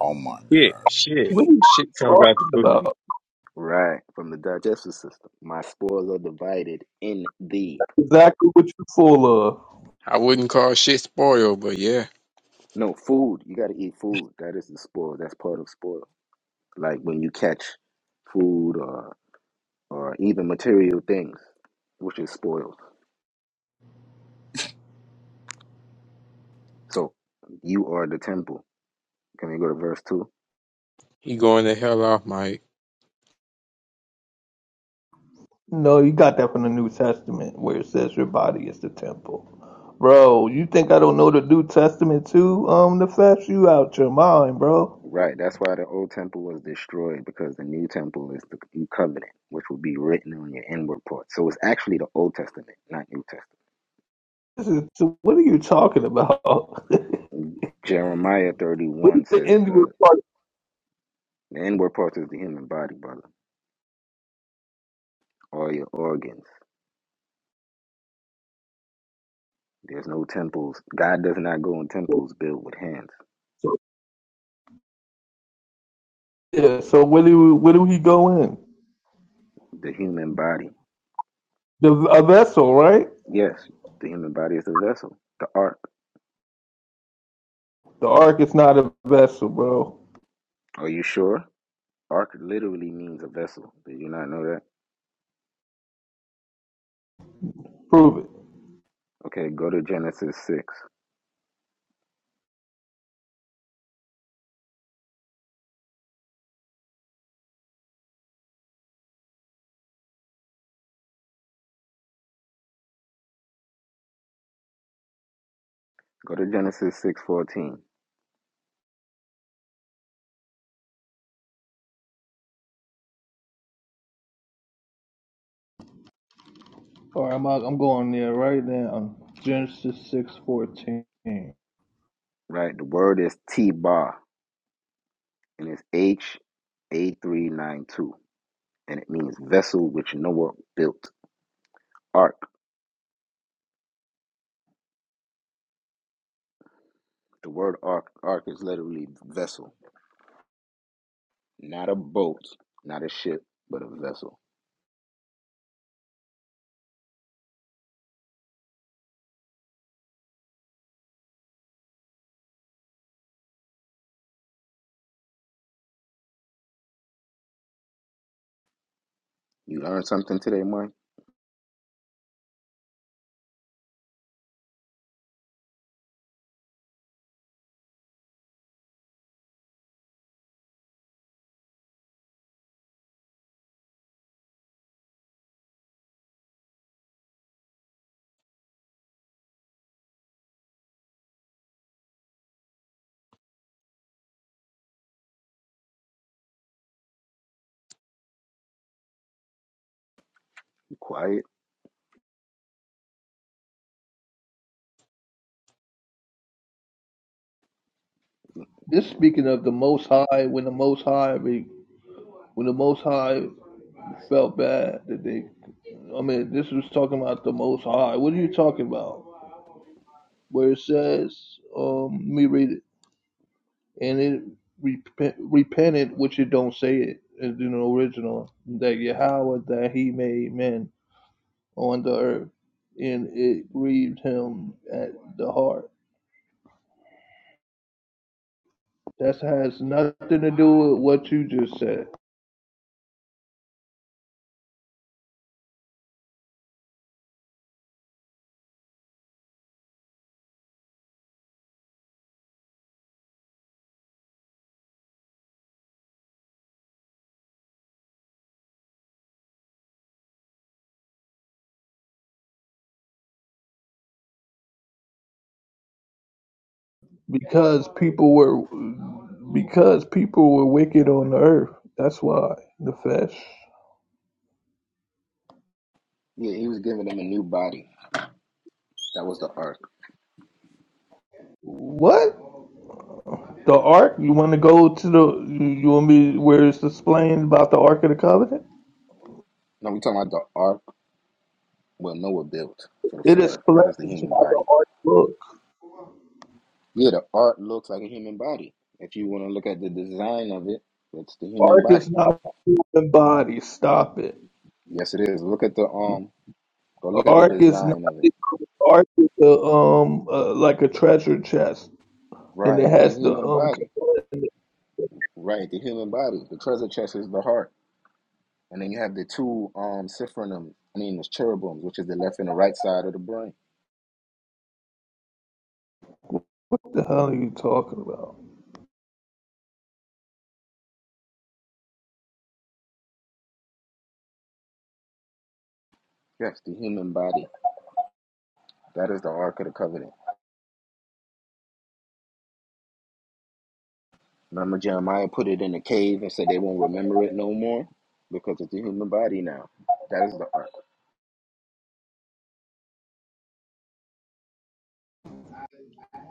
C: oh my
A: Shit,
C: God.
A: shit,
F: What are you
A: shit comes
F: talking
A: out the booty.
F: about?
E: Right. From the digestive system. My spoils are divided in thee.
F: Exactly what you're full of.
A: I wouldn't call shit spoiled, but yeah,
E: No, food. You got to eat food. That is the spoil. That's part of spoil. Like when you catch food or or even material things, which is spoiled. So you are the temple. Can we go to verse two?
A: he going the hell off, Mike.
F: No, you got that from the New Testament where it says your body is the temple. Bro, you think I don't know the New Testament too? Um, the fact you out your mind, bro.
E: Right. That's why the old temple was destroyed because the new temple is the new covenant, which will be written on your inward part. So it's actually the Old Testament, not New Testament.
F: This is, so what are you talking about? [LAUGHS] what
E: Jeremiah thirty one
F: is the
E: says
F: end of the
E: the
F: part?
E: the inward part is the human body, brother. All your organs. There's no temples. God does not go in temples built with hands.
F: So, yeah, so where do we, where do he go in?
E: The human body.
F: The a vessel, right?
E: Yes, the human body is a vessel. The ark.
F: The ark is not a vessel, bro.
E: Are you sure? Ark literally means a vessel. Did you not know that?
F: Prove it.
E: Okay, go to Genesis 6. Go to Genesis 6:14.
F: All right, I'm out, I'm going there right now. Genesis six fourteen.
E: Right? The word is T-ba and it's H A392 and it means vessel which Noah built. Ark. The word ark ark is literally vessel. Not a boat, not a ship, but a vessel. You learned something today, Mike? You quiet?
F: This speaking of the Most High, when the Most High, re- when the Most High felt bad that they. I mean, this was talking about the Most High. What are you talking about? Where it says, um, let me read it, and it repent, repented, which it don't say it in the original that Yahweh that He made men on the earth, and it grieved Him at the heart. That has nothing to do with what you just said, because people were, because people were wicked on the earth. That's why the flesh.
E: Yeah, he was giving them a new body. That was the ark.
F: What? The Ark? You want to go to the? You, you want me where it's displaying about the Ark of the Covenant?
E: No, we're talking about the ark where Noah built for the
F: It is
E: flood. That is the
F: explains
E: human
F: about
E: body.
F: the Ark. book.
E: Yeah, the ark looks like a human body. If you want to look at the design of it, it's the human
F: Ark
E: body.
F: is not human body. Stop it.
E: Yes, it is. Look at the um. Go look at the
F: Ark is not.
E: design of it.
F: Ark is the um uh, like a treasure chest, and it
E: Right, the
F: has the
E: human
F: um.
E: body.
F: What
E: Right, the human body. The treasure chest is the heart, and then you have the two um sophronims. I mean, the cherubims, which is the left and the right side of the brain.
F: the hell are you talking about?
E: Yes, the human body. That is the ark of the covenant. Remember Jeremiah put it in a cave and said they won't remember it no more because it's a human body now. That is the ark.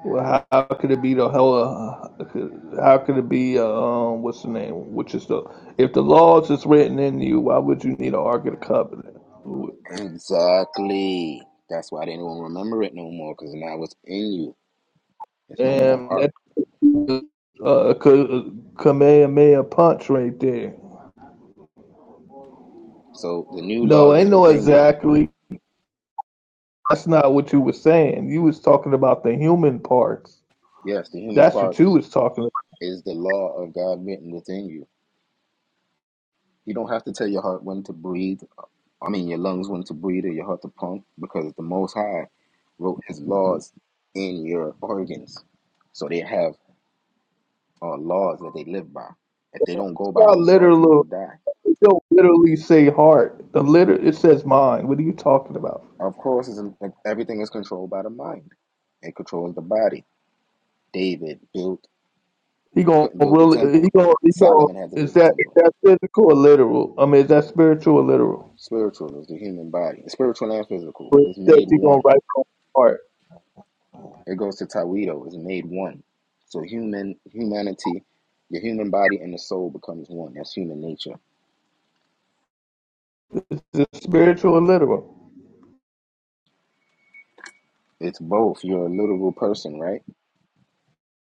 F: Well, how, how could it be the hell? uh, How could it be uh, um? What's the name? Which is the? If the laws is written in you, why would you need an Ark of the Covenant?
E: Exactly. That's why they don't remember it no more because now it's in you. It's no more
F: And
E: ark.
F: that uh, Ka- Kamehameha punch right there.
E: So the new
F: No,
E: laws is
F: ain't no
E: within you.
F: exactly. That's not what you were saying. You was talking about the human parts.
E: Yes, the human
F: That's what you
E: parts
F: was talking about.
E: is the law of God written within you. You don't have to tell your heart when to breathe. I mean, your lungs when to breathe or your heart to pump because the Most High wrote His laws in your organs. So they have or laws that they live by. If they don't go
F: It's
E: by
F: not
E: those laws, you will
F: literal.
E: die.
F: It don't literally say heart. The liter it says mind. What are you talking about?
E: Of course, it's, everything is controlled by the mind. It controls the body. David built
F: He gonna
E: couldn't build the
F: really? He
E: temple.
F: gonna? He gonna?
E: Solomon had to
F: Is
E: build the
F: that is
E: temple.
F: that physical or literal? I mean, is that spiritual or literal?
E: Spiritual is the human body. Spiritual and physical
F: But it
E: is
F: says
E: made
F: he gonna
E: one.
F: write the heart.
E: It goes to Tawido. Is made one. So human humanity, the human body and the soul becomes one. That's human nature.
F: Is it spiritual or literal?
E: It's both. You're a literal person, right?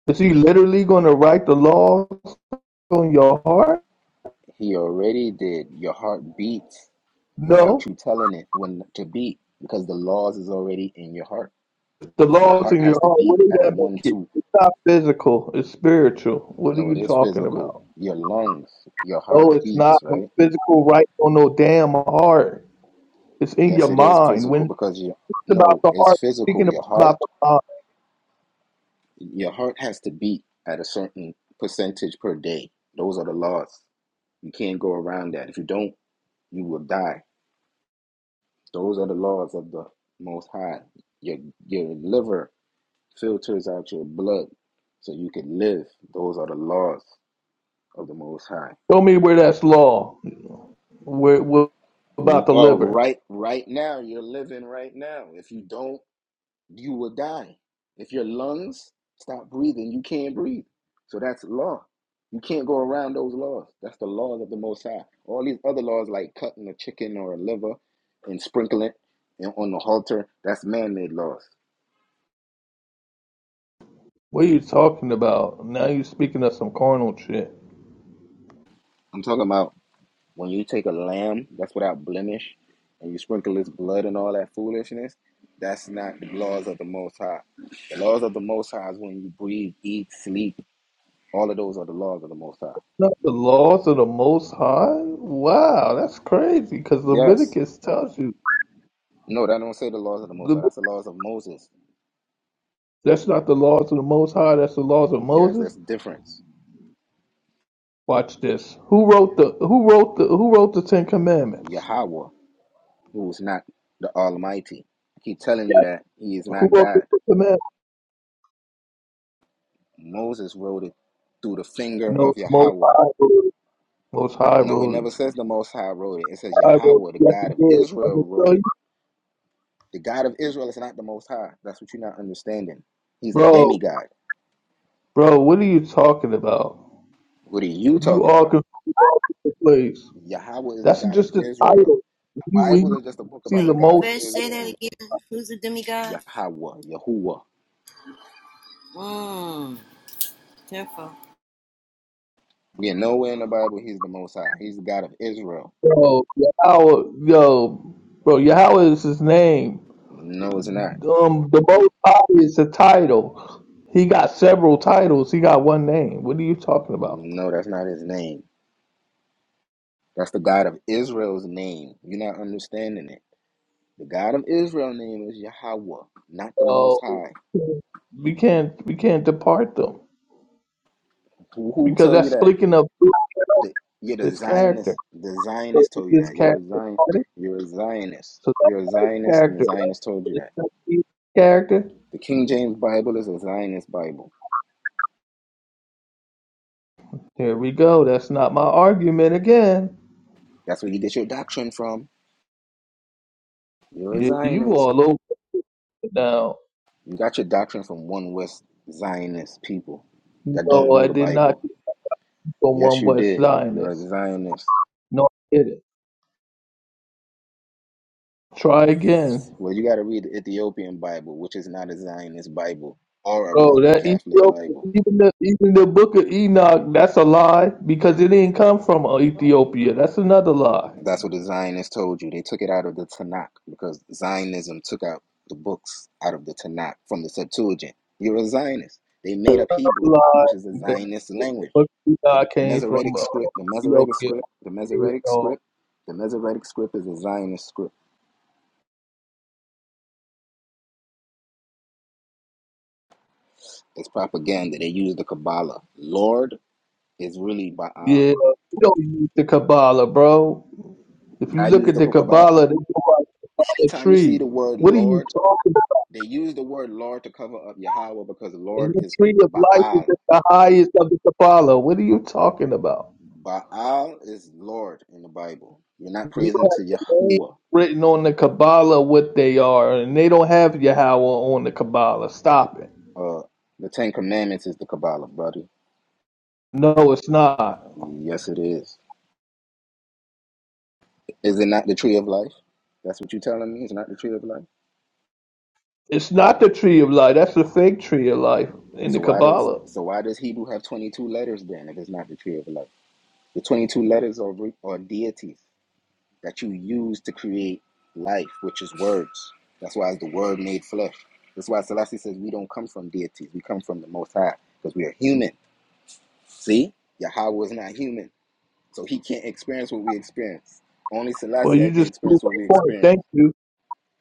F: Is he literally gonna write the law? on your heart?
E: He already did. Your heart beats without
F: No.
E: you telling it when to beat because the laws is already in your heart.
F: If the
E: Your
F: law's
E: heart
F: in
E: has
F: your
E: to
F: heart,
E: beat
F: what does
E: at a
F: that
E: one
F: make it?
E: two.
F: It's not physical, it's spiritual. What are
E: No, it
F: you
E: is
F: talking
E: physical.
F: about?
E: Your lungs, your
F: No,
E: heart
F: it's
E: beats,
F: not no
E: right?
F: physical right on no damn heart. It's in your
E: Yes, it is
F: mind. When
E: physical
F: it's
E: because you
F: about
E: no,
F: the
E: it's
F: heart,
E: physical.
F: speaking
E: Your
F: about
E: heart,
F: the mind.
E: your heart has to beat at a certain percentage per day. Those are the laws. You can't go around that. If you don't, you will die. Those are the laws of the Most High. Your your liver filters out your blood so you can live. Those are the laws of the Most High.
F: Show me where that's law. Where what about the
E: Well,
F: liver?
E: right, right now, you're living right now. If you don't, you will die. If your lungs stop breathing, you can't breathe. So that's law. You can't go around those laws. That's the laws of the Most High. All these other laws, like cutting a chicken or a liver and sprinkling it on the halter, that's man-made laws.
F: What are you talking about? Now you're speaking of some carnal shit.
E: I'm talking about When you take a lamb that's without blemish and you sprinkle its blood and all that foolishness, that's not the laws of the Most High. The laws of the Most High is when you breathe, eat, sleep. All of those are the laws of the Most High.
F: Not the laws of the Most High. Wow, that's crazy. Because
E: Yes.
F: Leviticus tells you.
E: No, that don't say the laws of the Most High.
F: Leviticus
E: That's the laws of Moses.
F: That's not the laws of the Most High. That's the laws of
E: Yes,
F: Moses.
E: that's the difference.
F: Watch this. Who wrote the Who wrote the Who wrote the Ten Commandments?
E: Yahweh, who is not the Almighty. I keep telling you that he is
F: Who
E: not
F: wrote the
E: God.
F: Ten Commandments?
E: Moses wrote it through the finger
F: No,
E: of
F: Most
E: Yahweh.
F: High wrote it. Most High
E: No, it
F: wrote it.
E: never says the Most High wrote it. It says
F: I wrote it.
E: Yahweh, the
F: Yes,
E: God
F: it
E: of
F: did. I'm
E: Israel,
F: gonna
E: wrote
F: tell you,
E: it. The God of Israel is not the Most High. That's what you're not understanding. He's a
F: bro,
E: demigod.
F: bro. What are you talking about?
E: What are you
F: You
E: talking
F: are
E: about?
F: confused with the place.
E: Yahweh is the
F: That's
E: God of
F: just the title.
E: Israel.
F: You we
E: Bible is just a book
F: see
E: about
F: the
G: Wait,
E: the God of
F: Most
G: first
F: High,
G: say
E: Israel.
G: that again. Who's the demigod?
E: Yahweh, Yahuwah.
G: Mmm.
E: Yeah, nowhere in the Bible he's the Most High. He's the God of Israel.
F: Bro, Yahweh, yo, bro, Yahweh is his name.
E: No, it's not.
F: Um, the Most High is a title. He got several titles. He got one name. What are you talking about?
E: No, that's not his name. That's the God of Israel's name. You're not understanding it. The God of Israel's name is Yahweh, not the Most
F: Oh,
E: High.
F: we can't we can't depart them
E: Who, who
F: because
E: told you
F: that's
E: that?
F: speaking of
E: The, you're the
F: his character.
E: Zionist. The
F: So
E: Zionist
F: is
E: told you
F: his
E: that. You're
F: character
E: a Zion.
F: departed?
E: You're a Zionist.
F: So that
E: You're a Zionist, and the
F: character
E: Zionist told you
F: is
E: that.
F: that his character.
E: The King James Bible is a Zionist Bible.
F: Here we go. That's not my argument again.
E: That's where you get your doctrine from. You're a
F: You, you
E: Zionist.
F: all over it now.
E: You got your doctrine from one West Zionist people that don't
F: No,
E: know
F: I
E: the
F: did not
E: Bible.
F: become
E: Yes,
F: one
E: you
F: West
E: did. You're a
F: Zionist.
E: Zionist.
F: No, I didn't. Try again.
E: Well, you got to read the Ethiopian Bible, which is not a Zionist Bible or a
F: Oh,
E: Roman
F: that
E: Catholic
F: Ethiopia,
E: Bible.
F: even the even the book of Enoch, that's a lie because it didn't come from Ethiopia. That's another lie.
E: That's what the Zionists told you. They took it out of the Tanakh because Zionism took out the books out of the Tanakh from the Septuagint. You're a Zionist. They made
F: Another
E: up Hebrew,
F: Lie
E: which is a
F: that
E: Zionist
F: the
E: language.
F: book of
E: The
F: Enoch came from
E: Masoretic
F: uh,
E: script, the Masoretic
F: Ethiopia.
E: script, the Masoretic
F: Uh,
E: script, the Masoretic script is a Zionist script. It's propaganda. They use the Kabbalah. Lord is really Baal.
F: yeah, we don't use the Kabbalah, bro. If you
E: Y'all
F: look
E: use
F: at
E: the
F: the
E: Kabbalah.
F: Kabbalah, they go out by the
E: Anytime you see
F: tree.
E: the word
F: What are you
E: Lord,
F: talking about?
E: they use the word Lord to cover up Yahweh because
F: And
E: Lord
F: the
E: is
F: tree of life is
E: Baal.
F: at the highest of the Kabbalah. What are you talking about?
E: Baal is Lord in the Bible. You're not
F: You
E: praising
F: don't
E: to
F: have names
E: Yahuwah.
F: written on the Kabbalah what they are, and they don't have Yahweh on the Kabbalah. Stop it.
E: Uh, the Ten Commandments is the Kabbalah, brother.
F: No, it's not.
E: Yes, it is. Is it not the tree of life? That's what you're telling me. It's not the tree of life.
F: It's not the tree of life. That's the fake tree of life in the
E: So why does
F: Kabbalah.
E: so why does Hebrew have 22 letters then if it's not the tree of life? The 22 letters are re- are deities that you use to create life, which is words. That's why it's the Word made flesh. That's why Selassie says we don't come from deities. We come from the Most High because we are human. See, Yahweh is not human. So he can't experience what we experience. Only
F: Well,
E: Selassie
F: you
E: can
F: just proved
E: experience what we
F: my point.
E: experience.
F: Thank you.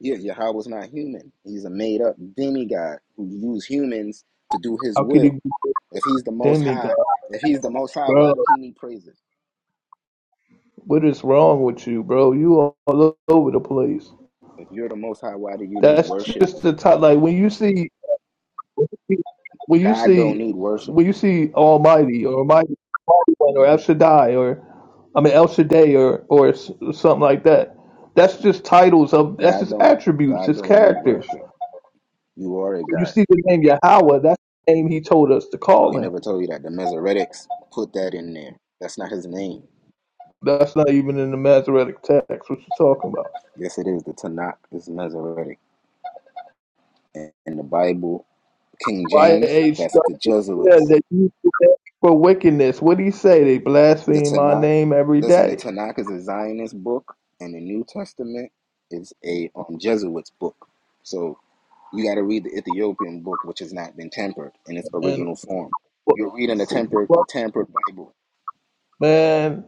E: Here, Yahweh was not human. He's a made up demigod who used humans to do his
F: How could he be
E: will.
F: a
E: If he's the most
F: demigod,
E: high, if he's the most high, why
F: bro?
E: do he need praises?
F: What is wrong with you, bro? You all over the place.
E: If you're the most high, why do you need
F: That's
E: worship?
F: just the top. Like when you see When you
E: God don't
F: see
E: need worship.
F: when you see Almighty or Almighty One or El Shaddai or I mean El Shaddai or or s- something like that, that's just titles of that's
E: God
F: just
E: don't
F: attributes,
E: God
F: his
E: don't need
F: characters.
E: worship.
F: When
E: You are a
F: you
E: God.
F: see the name Yahweh, that's the name he told us to call
E: He
F: him.
E: never told you that. The Mesoretics put that in there. That's not his name.
F: That's not even in the Masoretic text. What you talking about?
E: Yes, it is. The Tanakh is Masoretic. And the Bible King
F: Why
E: James,
F: age
E: that's the
F: said
E: Jesuits.
F: that you stand for wickedness? What do he say? They
E: The
F: blaspheme my
E: Tanakh,
F: name every
E: listen, the
F: day.
E: Tanakh is a Zionist book, and the New Testament is a um, Jesuits book. So you got to read the Ethiopian book, which has not been tempered in its
F: And
E: original form. You're reading a tempered, a
F: what-
E: tampered Bible.
F: man,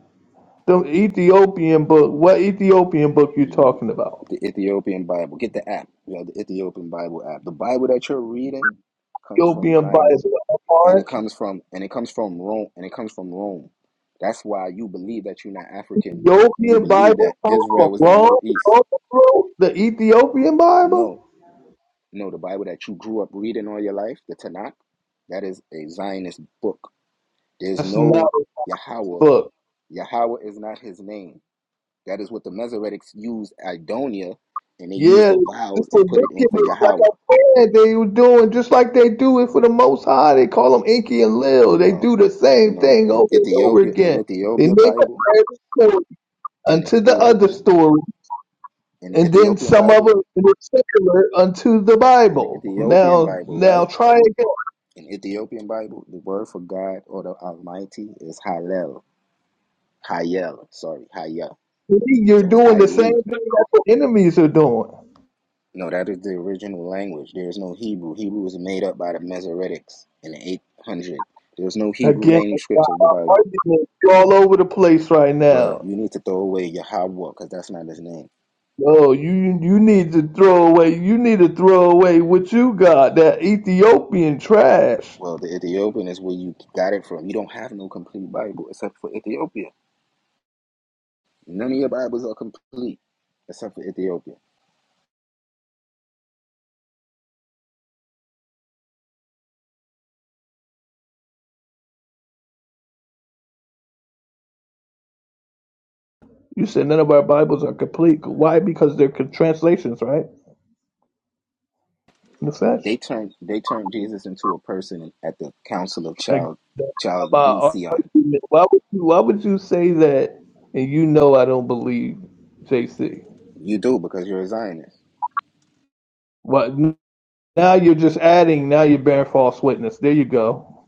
F: The Ethiopian book. What Ethiopian book you
E: The
F: talking about?
E: Ethiopian Bible. Get the app. You know, the Ethiopian Bible app. The Bible that you're reading comes from
F: Ethiopian Bible.
E: Zionism. And it
F: Mark.
E: comes from and it comes from Rome and it comes from Rome. That's why you believe that you're not African and you
F: Ethiopian
E: believe
F: Bible.
E: that
F: come
E: Israel
F: from
E: was in the
F: Ron
E: Middle East.
F: The Ethiopian
E: No.
F: Bible.
E: No, the Bible that you grew up reading all your life, the Tanakh, that is a Zionist book. There's
F: That's not
E: no
F: a
E: Yahweh.
F: book.
E: Yahweh is not his name. That is what the Mesoretics used Idonia, and they used
F: Yeah,
E: the vowels
F: it's a
E: and put it in for
F: wickedness. Like
E: Yahweh.
F: I said, they were doing just like they do it for the Most High. They call them Inky and Lil. They
E: No,
F: do the same
E: no.
F: thing
E: In
F: over and over
E: Ethiopia, in
F: again. They
E: Ethiopia
F: make a
E: Bible,
F: private story
E: in the
F: unto the other
E: Ethiopian,
F: story.
E: in the
F: and then
E: Ethiopian
F: some of it
E: Bible,
F: were secular unto the
E: in the
F: Bible.
E: Ethiopian
F: Now,
E: Bible,
F: now
E: right?
F: try again.
E: In Ethiopian Bible, the word for God or the Almighty is Hallel, Hayel. Sorry, Hayel.
F: See, You're
E: So it's
F: doing the same
E: Haile.
F: thing that the enemies are doing.
E: No, that is the original language. There is no Hebrew. Hebrew was made up by the Mesoretics in the 800. There's no Hebrew
F: Again, my
E: manuscripts of the Bible.
F: argument is all over the place right
E: Well,
F: now.
E: you need to throw away your Yahweh because that's not his name.
F: Oh, you you need to throw away. You need to throw away what you got. That Ethiopian trash.
E: Well, the Ethiopian is where you got it from. You don't have no complete Bible except for Ethiopia. None of your Bibles are complete except for Ethiopia.
F: You said none of our Bibles are complete. Why? Because they're translations, right? In the flesh.
E: They turned they turned Jesus into a person at the Council of
F: Like,
E: Child
F: about
E: Chaldean.
F: argument. Why would you? Why would you say that? And you know I don't believe JC.
E: You do because you're a Zionist.
F: What? Now you're just adding. Now you're bearing false witness. There you go.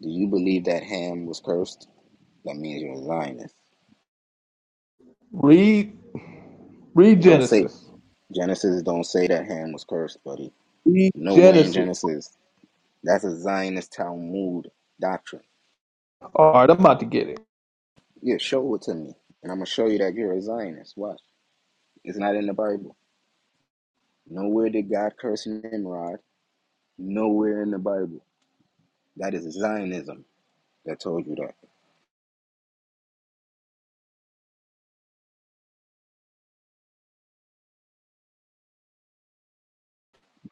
E: Do you believe that Ham was cursed? That means you're a Zionist.
F: Read. Read
E: It don't say
F: Genesis.
E: Genesis don't say that Ham was cursed, buddy.
F: Read
E: Nowhere in
F: Genesis.
E: Genesis. That's a Zionist Talmud doctrine.
F: All right, I'm about to get it.
E: Yeah, show it to me. And I'm going to show you that you're a Zionist. Watch. It's not in the Bible. Nowhere did God curse Nimrod. Nowhere in the Bible. That is Zionism that told you that.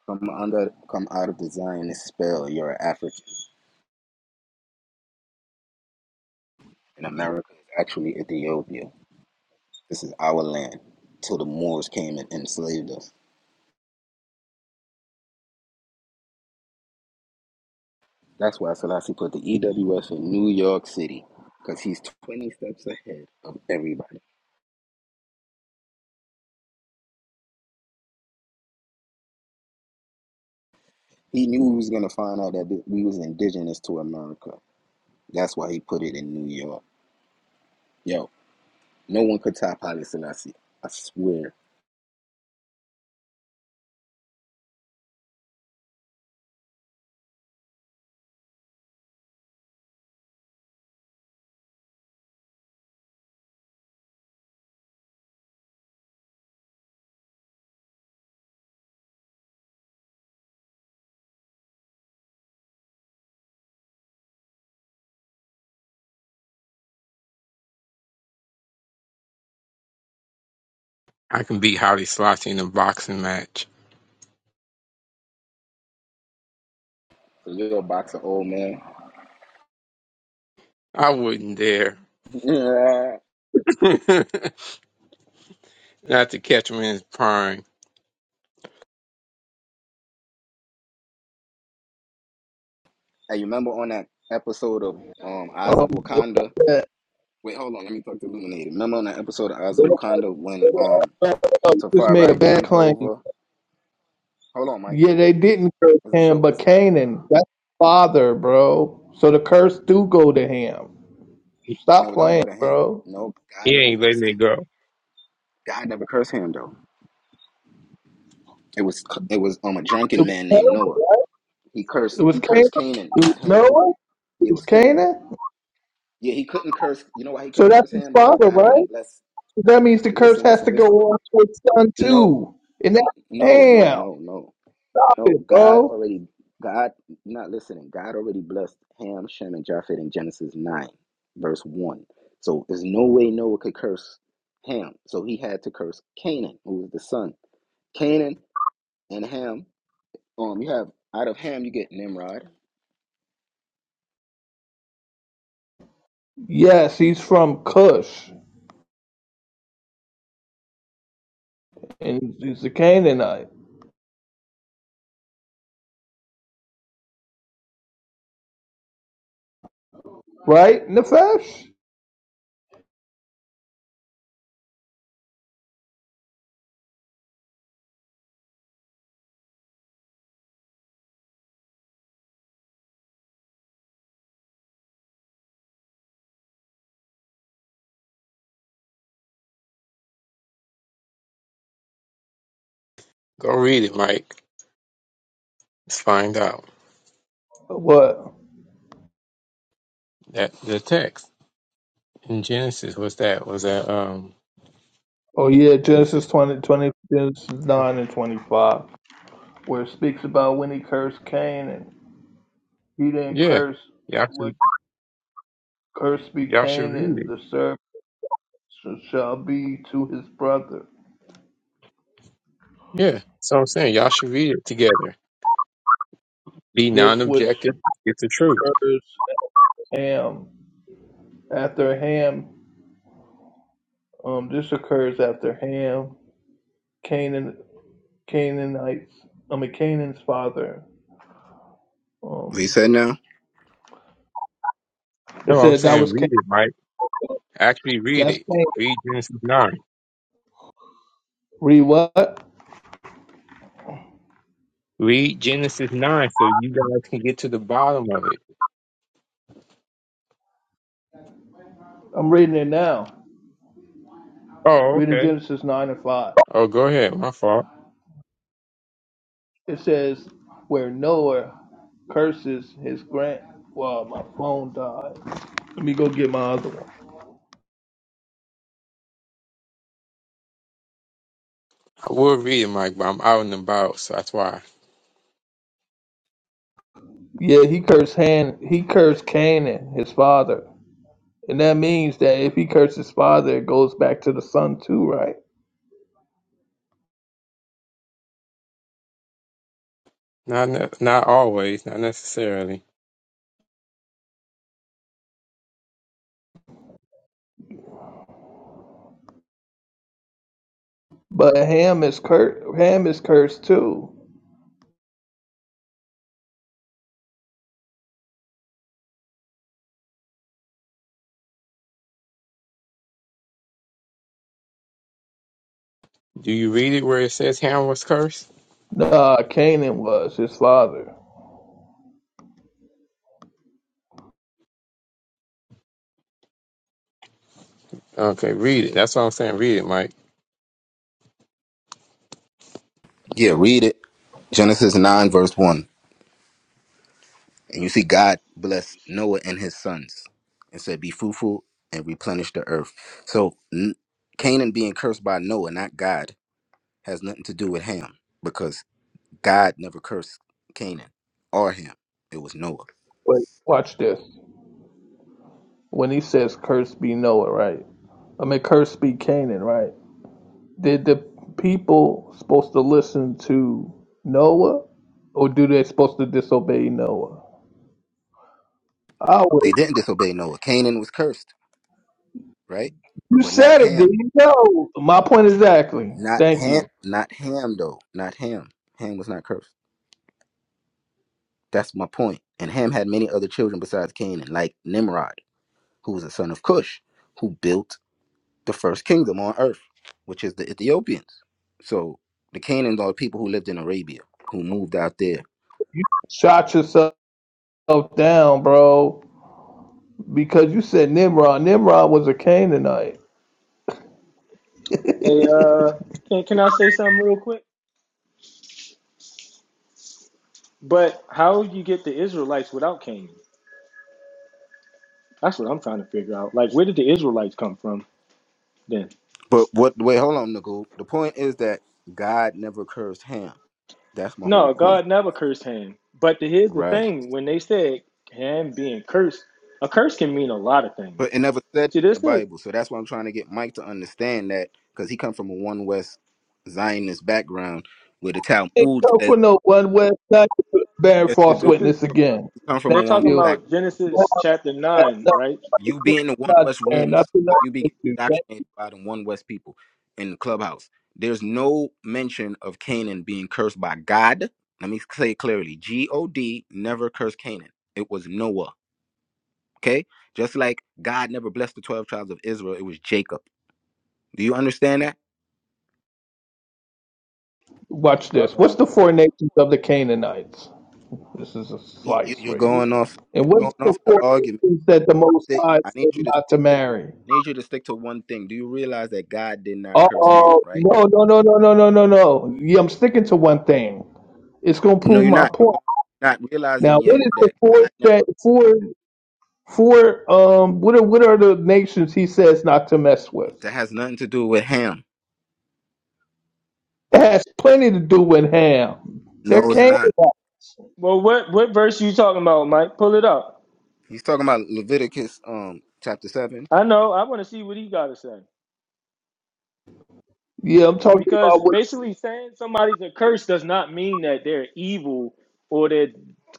E: Come under, come out of the Zionist spell. You're an African. And America is actually Ethiopia. This is our land. Till the Moors came and enslaved us. That's why Selassie put the EWS in New York City. Because he's 20 steps ahead of everybody. He knew he was going to find out that we was indigenous to America That's why he put it in New York. Yo, no one could top Haile Selassie. I swear.
A: I can beat Holly Slossy in a boxing match.
E: A little boxer old man.
A: I wouldn't dare.
E: [LAUGHS] hey,
A: [LAUGHS] Not to catch him in his prime.
E: you remember on that episode of um Eyes
F: Um,
E: of Wakanda?
F: that-
E: Wait, hold on, let me talk to Illuminated. Remember on that episode of Eyes of Wakanda when um
F: just made a
E: Tafari
F: bad
E: jumped
F: claim.
E: over? Hold on, Mike.
F: Yeah, they didn't curse
E: It's a
F: Ham,
E: show.
F: but
E: It's
F: Canaan. That's father, bro. So the curse do go to Ham.
A: He
F: Stop
E: no, don't
F: playing,
E: go to him.
F: bro.
E: No, God
A: he
E: never
A: ain't
E: cursed
A: letting it go.
E: him. God never cursed him though. It was it was um a drunken man named Noah. He
F: It
E: cursed
F: was
E: he
F: Canaan.
E: cursed Canaan,
F: It was
E: not him.
F: Noah. It
E: It
F: was
E: was Canaan.
F: Canaan.
E: Yeah, he couldn't curse. You know why he
F: So
E: couldn't
F: that's
E: curse
F: his
E: Ham? Because
F: father,
E: God
F: right?
E: already
F: So
E: blessed.
F: that means the
E: Wait,
F: curse
E: listen,
F: has to
E: listen,
F: go
E: listen.
F: on to his son
E: No,
F: too. And
E: n-
F: that
E: no, no,
F: damn,
E: no, no,
F: stop it,
E: no. God
F: bro.
E: already, God, you're not listening. God already blessed Ham, Shem, and Japheth in Genesis 9, verse 1. So there's no way Noah could curse Ham. So he had to curse Canaan, who was the son. Canaan and Ham. Um, you have out of Ham, you get Nimrod.
F: Yes, he's from Cush, and he's a Canaanite, right? Nefesh.
A: Go read it, Mike. Let's find out.
F: What?
A: That the text in Genesis was that was that um
F: Oh yeah, Genesis
A: Genesis.
F: 20 20 Genesis nine and twenty five, where it speaks about when he cursed Cain and he didn't
A: Yeah.
F: curse
A: Y'all
F: what
A: should
F: curse be
A: y'all should
F: Canaan?
A: read it.
F: the servant shall be to his brother.
A: Yeah. So I'm saying y'all should read it together. Be
F: This
A: non
F: which
A: objective, get the truth.
F: occurs Ham after Ham. Um, this occurs after Ham, Canaan, Canaanites. I mean Canaan's father.
E: What you
F: Um,
E: said now?
F: it
A: No, I'm
F: said that
A: saying
F: was Canaan.
A: read it, Mike. Actually read
F: That's
A: it.
F: Canaan.
A: Read Genesis nine.
F: Read what?
A: Read Genesis nine so you guys can get to the bottom of it.
F: I'm reading it now.
A: Oh,
F: Reading
A: okay.
F: Genesis nine and five.
A: Oh, go ahead. My fault.
F: It says where Noah curses his grand. Well, my phone died. Let me go get my other one.
A: I will read it, Mike, but I'm out and about, so that's why.
F: Yeah, he cursed Han. He cursed Canaan, his father. And that means that if he cursed his father, it goes back to the son too, right?
A: Not ne- not always, not necessarily.
F: But Ham is cursed. Ham is cursed too.
A: Do you read it where it says Ham was cursed?
F: Nah, Canaan was his father.
A: Okay, read it. That's what I'm saying. Read it, Mike.
E: Yeah, read it. Genesis 9, verse 1. And you see, God blessed Noah and his sons and said, Be fruitful and replenish the earth. So n- Canaan being cursed by Noah, not God, has nothing to do with Ham because God never cursed Canaan or Ham. It was Noah.
F: Wait, watch this. When he says cursed be Noah, right? I mean cursed be Canaan, right? Did the people supposed to listen to Noah? Or do they supposed to disobey Noah? Oh well,
E: They didn't disobey Noah. Canaan was cursed, right?
F: you
E: But not
F: said it, did
E: Ham.
F: you know? My point exactly.
E: Not
F: Thank
E: Ham.
F: you.
E: Not Ham, though. Not Ham. Ham was not cursed. That's my point. And Ham had many other children besides Canaan, like Nimrod, who was a son of Cush, who built the first kingdom on earth, which is the Ethiopians. So the Canaans are the people who lived in Arabia, who moved out there.
F: You shot yourself down, bro. Because you said Nimrod. Nimrod was a Canaanite.
H: Hey, uh, can can I say something real quick? But how you get the Israelites without Cain? That's what I'm trying to figure out. Like, where did the Israelites come from then?
E: But what? Wait, hold on, Nagul. The point is that God never cursed Ham. That's my whole
H: No,
E: point,
H: God never cursed Ham. But the, here's the
E: right?
H: thing: when they said Ham being cursed, a curse can mean a lot of things.
E: But it never said in
H: See,
E: the
H: this is
E: Bible. So that's why I'm trying to get Mike to understand that because he come from a one West Zionist background, where the
F: Ain't
E: Talmud
F: come
E: says
F: for no one west side to bear
E: yes, you
F: false
E: do.
H: this is
F: witness again.
E: You come from
F: Thank
E: a
H: they're
E: one West
H: talking
F: you.
E: background.
H: about Genesis chapter nine, right?
E: You be in the One West rooms, so you be getting
F: Thank
E: indoctrinated by the One West people in the clubhouse. There's no mention of Canaan being cursed by God. Let me say it clearly: G O D never cursed Canaan. It was Noah. Okay, just like God never blessed the twelve tribes of Israel, it was Jacob. Do you understand that?
F: you. Watch
H: Uh
F: this. What's
H: oh.
F: the four nations of the Canaanites? This is a
E: You, you,
F: slice
E: you're
F: right
H: You,
E: going
F: here.
E: off.
F: And
E: You're
F: what's
E: going
F: the
E: off the
F: four
E: argument.
F: nations that the Most
E: Stick-
F: High
E: I
F: said
E: need you to
F: not to
E: stick to.
F: marry?
E: I need you to stick to one thing. Do you realize that God did not
F: Uh
E: curse Ham?
F: oh.
E: Right?
F: No, no, no, no, no, no, no, no. Yeah, I'm sticking to one thing. It's going to
E: No,
F: prove
E: you're
F: my
E: not. You're
F: point.
E: not
F: Now,
E: realizing
F: what
E: yet
F: is the
E: that God
F: four
E: never
F: that four? For um, what are what are the nations he says not to mess with?
E: That has nothing to do with Ham.
F: It has plenty to do with Ham. There
E: No, it's
F: came.
E: not.
H: Well, what what verse you talking about, Mike? Pull it up.
E: He's talking about Leviticus um chapter seven.
H: I know. I want to see what he got to say.
F: Yeah, I'm talking about
H: Because
F: what
H: basically saying somebody's a curse does not mean that they're evil or they're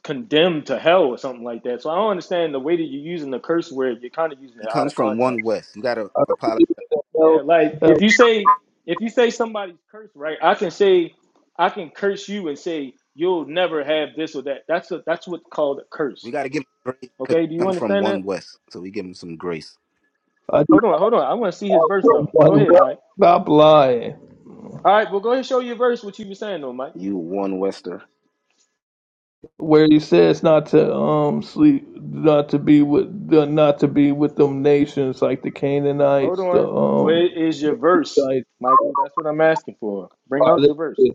H: condemned to hell or something like that. So I don't understand the way that you're using the curse word, you're kind of using
E: He
H: it out
E: comes
H: of
E: from one
H: context.
E: west. You gotta
F: I don't
E: apologize.
F: believe in the
H: Yeah,
F: hell.
H: like
F: hell
H: if you say if you say somebody's cursed, right? I can say I can curse you and say you'll never have this or that. That's a, that's what's called a
E: We
H: curse.
E: gotta give him grace because
H: Okay, do
E: he
H: you
E: comes from
H: understand
E: one
H: that?
E: west. So we give him some grace.
F: I do
H: Hold on, hold on. I want to see
F: not
H: his verse
F: want
H: though. Go
F: one
H: ahead,
F: well.
H: Mike.
F: Stop lying.
H: All right, well go ahead and show your verse what you were saying though, Mike.
E: You one Wester,
F: Where he says not to um sleep, not to be with, the- not to be with them nations like the
H: Hold
F: Canaanites, the
H: on. Where
F: um.
H: is your verse,
F: Like,
H: Michael? That's what I'm asking for. Bring out your verse.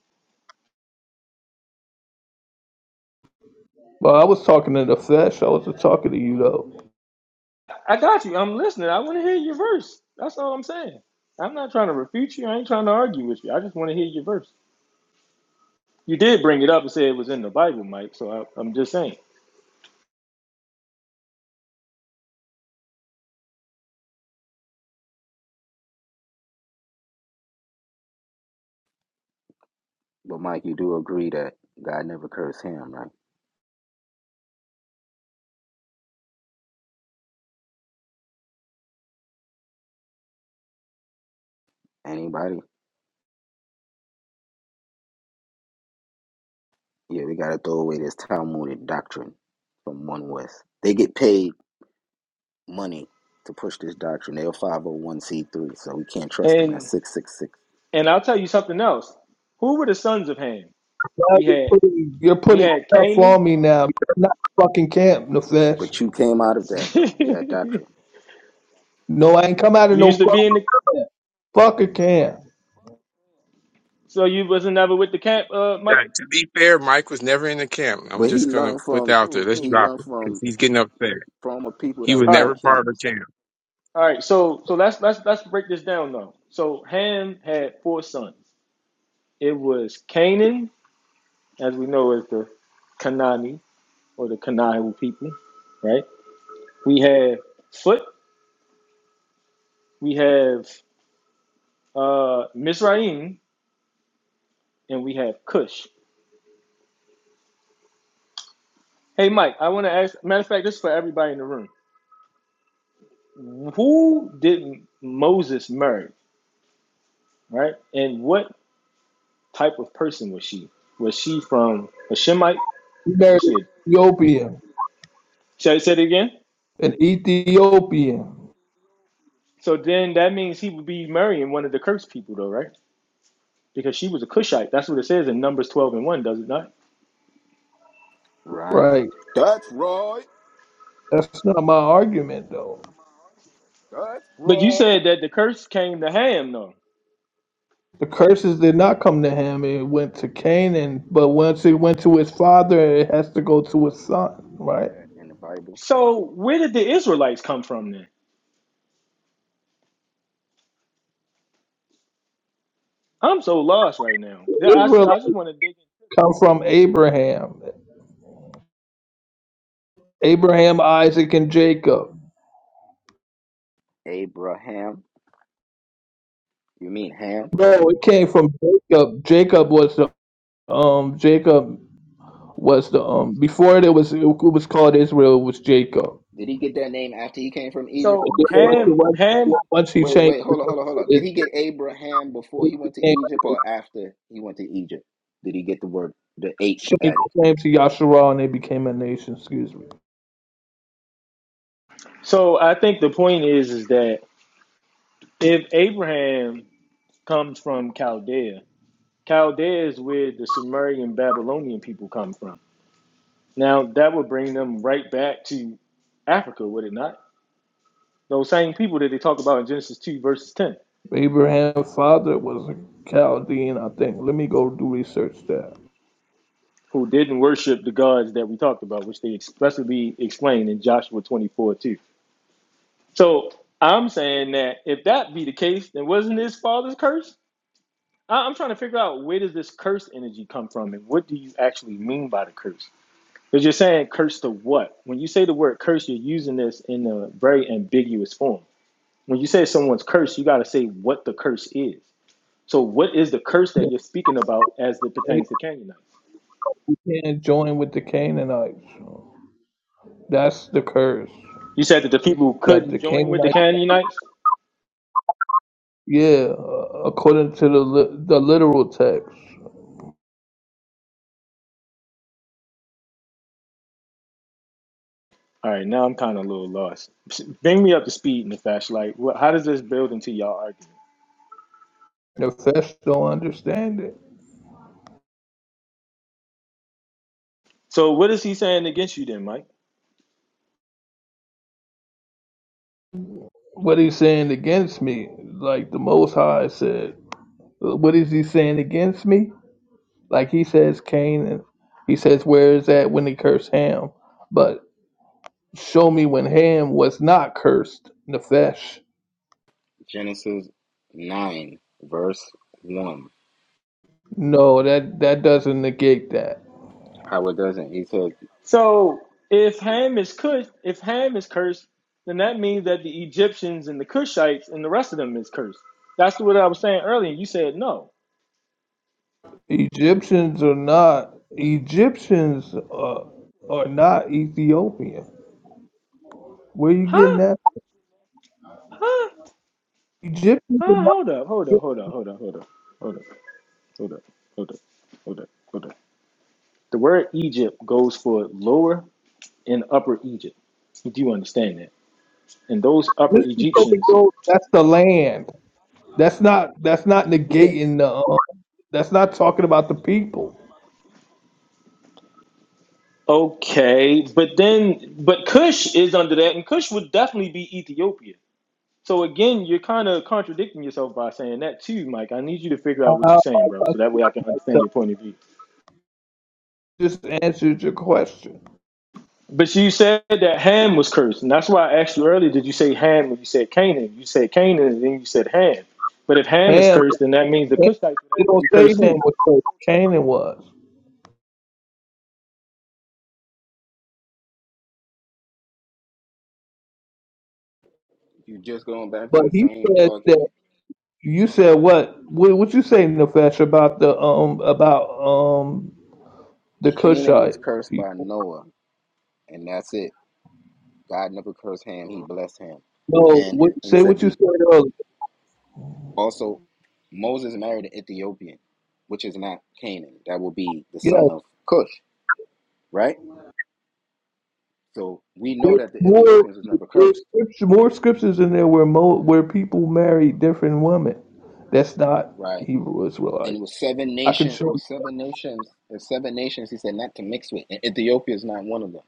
F: but I was talking to the flesh. I wasn't talking to you though.
H: I got you. I'm listening. I want to hear your verse. That's all I'm saying. I'm not trying to refute you. I ain't trying to argue with you. I just want to hear your verse. You did bring it up and say it was in the Bible, Mike. So I, I'm just saying.
E: but Mike, you do agree that God never cursed him, right? Anybody? Yeah, we gotta throw away this Talmudic doctrine from one West. They get paid money to push this doctrine. They're five hundred one c three, so we can't trust them. That's
H: And
E: six six six.
H: and I'll tell you something else. Who were the sons of Ham?
F: Why
H: We
F: You're
H: had
F: putting, you're
H: we
F: putting
H: had
F: stuff
H: Canaan.
F: on me now. You're not fucking camp, Nefesh.
E: But you came out of that
H: [LAUGHS]
E: though, that
H: you
E: doctrine.
F: No, I ain't come out of no
H: used to be
F: fucking
H: in the
F: camp. Fuck a camp.
H: so you wasn't ever with the camp, uh, Mike.
A: Right, to be fair, Mike was never in the camp. I'm
E: But he
A: just gonna
E: learned
A: put that
E: from
A: out there.
H: Cool,
A: Let's
E: he
H: cool.
A: drop
E: learned
A: it because
E: from
A: he's getting upset.
E: former people
A: He
E: that
A: was
E: was
H: All right.
E: in
A: never part of the
E: camps,
A: camp.
H: All right, so so let's let's let's break this down though. So Ham had four sons. It was Canaan, as we know as the Kanani or the Canaan people, right? We have Foot, we have uh Mizraim, and we have Cush. Hey Mike, I want to ask. Matter of fact, this is for everybody in the room. Who did Moses marry, right? And what type of person was she? Was she from a Shemite?
F: You married
H: Was
F: an
H: she? A,
F: Ethiopian.
H: should I say it again?
F: An Ethiopian.
H: So then that means he would be marrying one of the cursed people, though, right? Because she was a Cushite. That's what it says in Numbers 12 and 1, does it not?
E: right?
F: Right.
E: That's right.
F: That's not my argument, though.
E: That's
H: But you
E: right.
H: said that the curse came to Ham, though.
F: The curses did not come to him. It went to Canaan. But once it went to his father, it has to go to his son.
E: Can you show
F: Right.
E: that in the Bible?
H: So where did the Israelites come from then? I'm so lost right now. Yeah, I just,
F: Israel
H: I just want to dig in.
F: come from Abraham. Abraham, Isaac, and Jacob.
E: Abraham. You mean Ham?
F: No, it came from Jacob. Jacob was the Um, Jacob was the um before there was it was called Israel it was Jacob.
E: Did he get that name after he came from Egypt
H: So
E: or before?
H: Ham,
F: Once
H: Ham.
F: once he
E: Wait,
F: changed,
E: wait, hold on, hold on, hold on. Did
F: it
E: he get Abraham before
F: it
E: he went to
F: became
E: Egypt or after he went to Egypt? Did he get the word the H
F: changed
E: added?
F: the name to Yasharal and they became a nation. Excuse me.
H: So I think the point is, is that if Abraham comes from Chaldea, Chaldea is where the Sumerian Babylonian people come from. Now that would bring them right back to Africa, would it not? Those same people that they talk about in Genesis 2, verses 10,
F: Abraham's father was a Chaldean, I think. Let me go do research there.
H: who didn't worship the gods that we talked about, which they explicitly explained in Joshua 24, too. So I'm saying that if that be the case, then wasn't his father's curse? I- I'm trying to figure out where does this curse energy come from and what do you actually mean by the curse? Because you're saying curse to what? When you say the word curse, you're using this in a very ambiguous form. When you say someone's cursed, you got to say what the curse is. So, what is the curse that
F: That
H: you're speaking about as it
F: they
H: pertains to Canaanites?
F: began join with the Canaanites. That's the curse.
H: You said that the people who
F: That
H: couldn't
F: the
H: join with the
F: Canaanites,
H: Canaanites.
F: yeah, uh, according to the li- the literal text,
H: All right, now I'm kind of a little lost. Bring me up to speed in the fashion. Like, what, how does this build into y'all argument?
F: the flesh don't understand it.
H: So, what is he saying against you then, Mike?
F: What he's saying against me, like the Most High said, what is he saying against me? Like he says, Cain, and he says, where is that when he cursed Ham? But show me when Ham was not cursed, Nefesh.
E: Genesis nine verse one.
F: No, that that doesn't negate that.
E: How it doesn't. He says
H: So, if Ham is cursed, if Ham is cursed, then that means that the Egyptians and the Cushites and the rest of them is cursed. That's what I was saying earlier. You said no.
F: Egyptians are not Egyptians uh, are not Ethiopian. Where you getting
H: Huh?
F: that?
H: Huh?
F: Egyptians are
H: Huh?
F: not.
H: Hold up! Hold up! Hold up! Hold up! Hold up! Hold up! Hold up! Hold up! Hold up! Hold up. The word Egypt goes for lower in Upper Egypt. do You understand that? And those Upper
F: This is what we
H: Egyptians,
F: go- That's the land. That's not. That's not
H: you said,
F: negating the. um, That's not talking about the people.
H: okay, but then, but Cush is under that, and Cush would definitely be Ethiopia. So again, you're kind of contradicting yourself by saying that too, Mike. I need you to figure out
F: How
H: what
F: I
H: you're saying, bro, so that way I can understand
F: myself
H: your point of view.
F: just answered your question.
H: But you said that Ham was cursed, and that's why I asked you earlier: Did you say Ham when you said Canaan? You said Canaan, and then you said Ham. But if Ham is
F: Ham,
H: cursed, then that means the
F: it
H: Cushites would have to
F: don't
H: be
F: say
H: cursed
F: Ham
H: too.
F: was close. Canaan was,
E: you're just going back to
F: but
E: the
F: he
E: same
F: said that
E: argument
F: you said what? What what you say, Nefesh, about the um about um the
E: Canaan was
F: Cushite
E: cursed by
F: people?
E: Noah, and that's it. God never cursed Ham; He blessed Ham,
F: No,
E: and
F: what,
E: he, he
F: say
E: said,
F: what you
E: "Be
F: said earlier.
E: also." Moses married an Ethiopian, which is not Canaan. That will be the
F: Yeah,
E: son of Cush, right? So we know
F: there's
E: that the
F: more
E: Ethiopians was never
F: there's
E: cursed,
F: scripture, more scriptures in there where mo, where people marry different women. That's not
E: right?
F: Hebrew
E: And
F: Israelite.
E: it was seven
F: I can
E: nations. It
F: show.
E: was seven nations. It was seven nations. He said not to mix with. And Ethiopia is not one of them.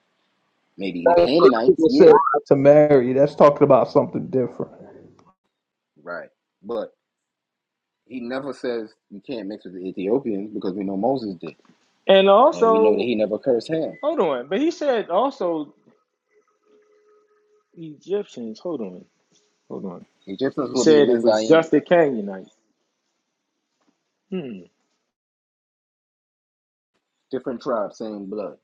E: Maybe the
F: That's what
E: Canaanites,
F: people said
E: yeah,
F: not to marry. That's talking about something different.
E: right. But he never says you can't mix with the Ethiopians because we know Moses did.
H: And
E: And we know that
H: also,
E: he never cursed Ham.
H: hold on. But he said also Egyptians. Hold on. Hold on.
E: The difference
H: You
E: will be
H: said it was
E: Mizraim,
H: just the Canaanites. Hmm.
E: different tribe, same blood.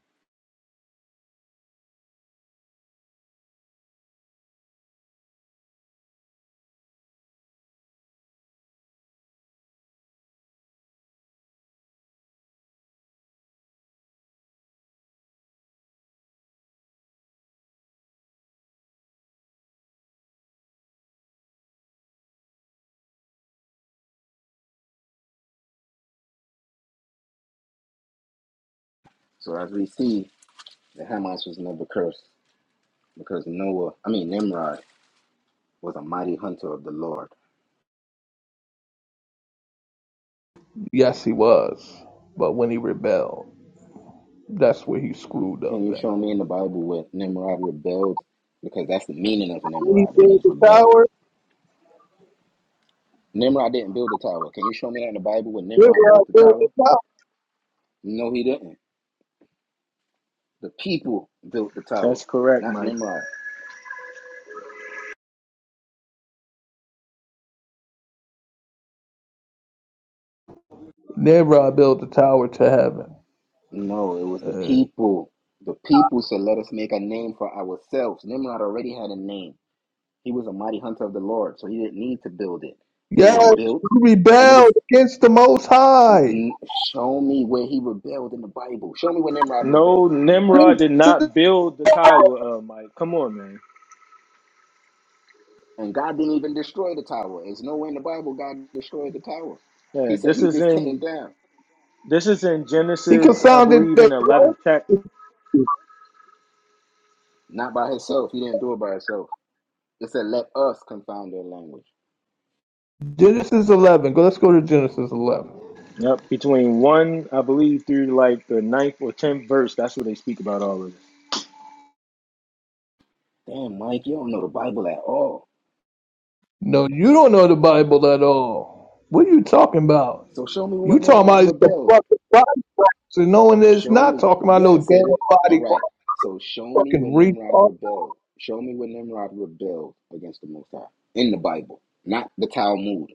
E: So as we see, the Hamites was never cursed because Noah, I mean Nimrod, was a mighty hunter of the Lord.
F: Yes, he was, but when he rebelled, that's where he screwed
E: Can
F: up.
E: you
F: At
E: show me in the Bible where Nimrod rebelled? Because that's the meaning of
F: when he
E: Nimrod. It
F: built
E: means
F: the
E: rebel.
F: tower,
E: Nimrod didn't build the tower. Can you show me that in the Bible where Nimrod built
F: Nimrod
E: the
F: built
E: tower?
F: the tower.
E: No, he didn't. The people built the tower,
H: That's correct,
E: not
H: Mike.
E: Nimrod.
F: Nimrod built the tower to heaven.
E: No, it was the
F: Uh,
E: people. The people said, Let us make a name for ourselves. Nimrod already had a name. He was a mighty hunter of the Lord, so he didn't need to build it. It
F: yes,
E: was built,
F: he
E: and it was.
F: rebelled against the Most
E: n-
F: High.
E: n- Show me where he rebelled in the Bible. Show me where Nimrod rebelled
H: No,
E: in the
H: Nimrod
E: Bible.
H: did not build the tower, uh, Mike. Come on, man.
E: And God didn't even destroy the tower. There's nowhere in the Bible God destroyed the tower.
H: Yeah,
E: He said
H: this
E: he
H: is
E: just came
H: in
E: down,
H: this is in
F: He
H: Genesis, I
F: confounded
H: believe, in
F: the
H: the eleventh chapter.
E: not by himself. He didn't do it by himself. It said, Let us confound their language.
F: Genesis 11. Go. Let's go to Genesis 11.
H: Yep, between one, I believe, through like the ninth or tenth verse. That's where they speak about all of this.
E: Damn, Mike, you don't know the Bible at all.
F: No, you don't know the Bible at all. What are you talking about?
E: So show me
F: You
E: when
F: talking
E: Nimrod
F: about it's the
E: rebelled.
F: fucking body parts, and knowing that it's
E: Show
F: not
E: me.
F: talking about
E: Yeah, I
F: no damn
E: said it. All
F: body
E: right.
F: parts,
E: So show me
F: fucking
E: when Nimrod
F: retard.
E: rebelled. Show me when Nimrod rebelled against the Most High in the Bible, not the Talmud.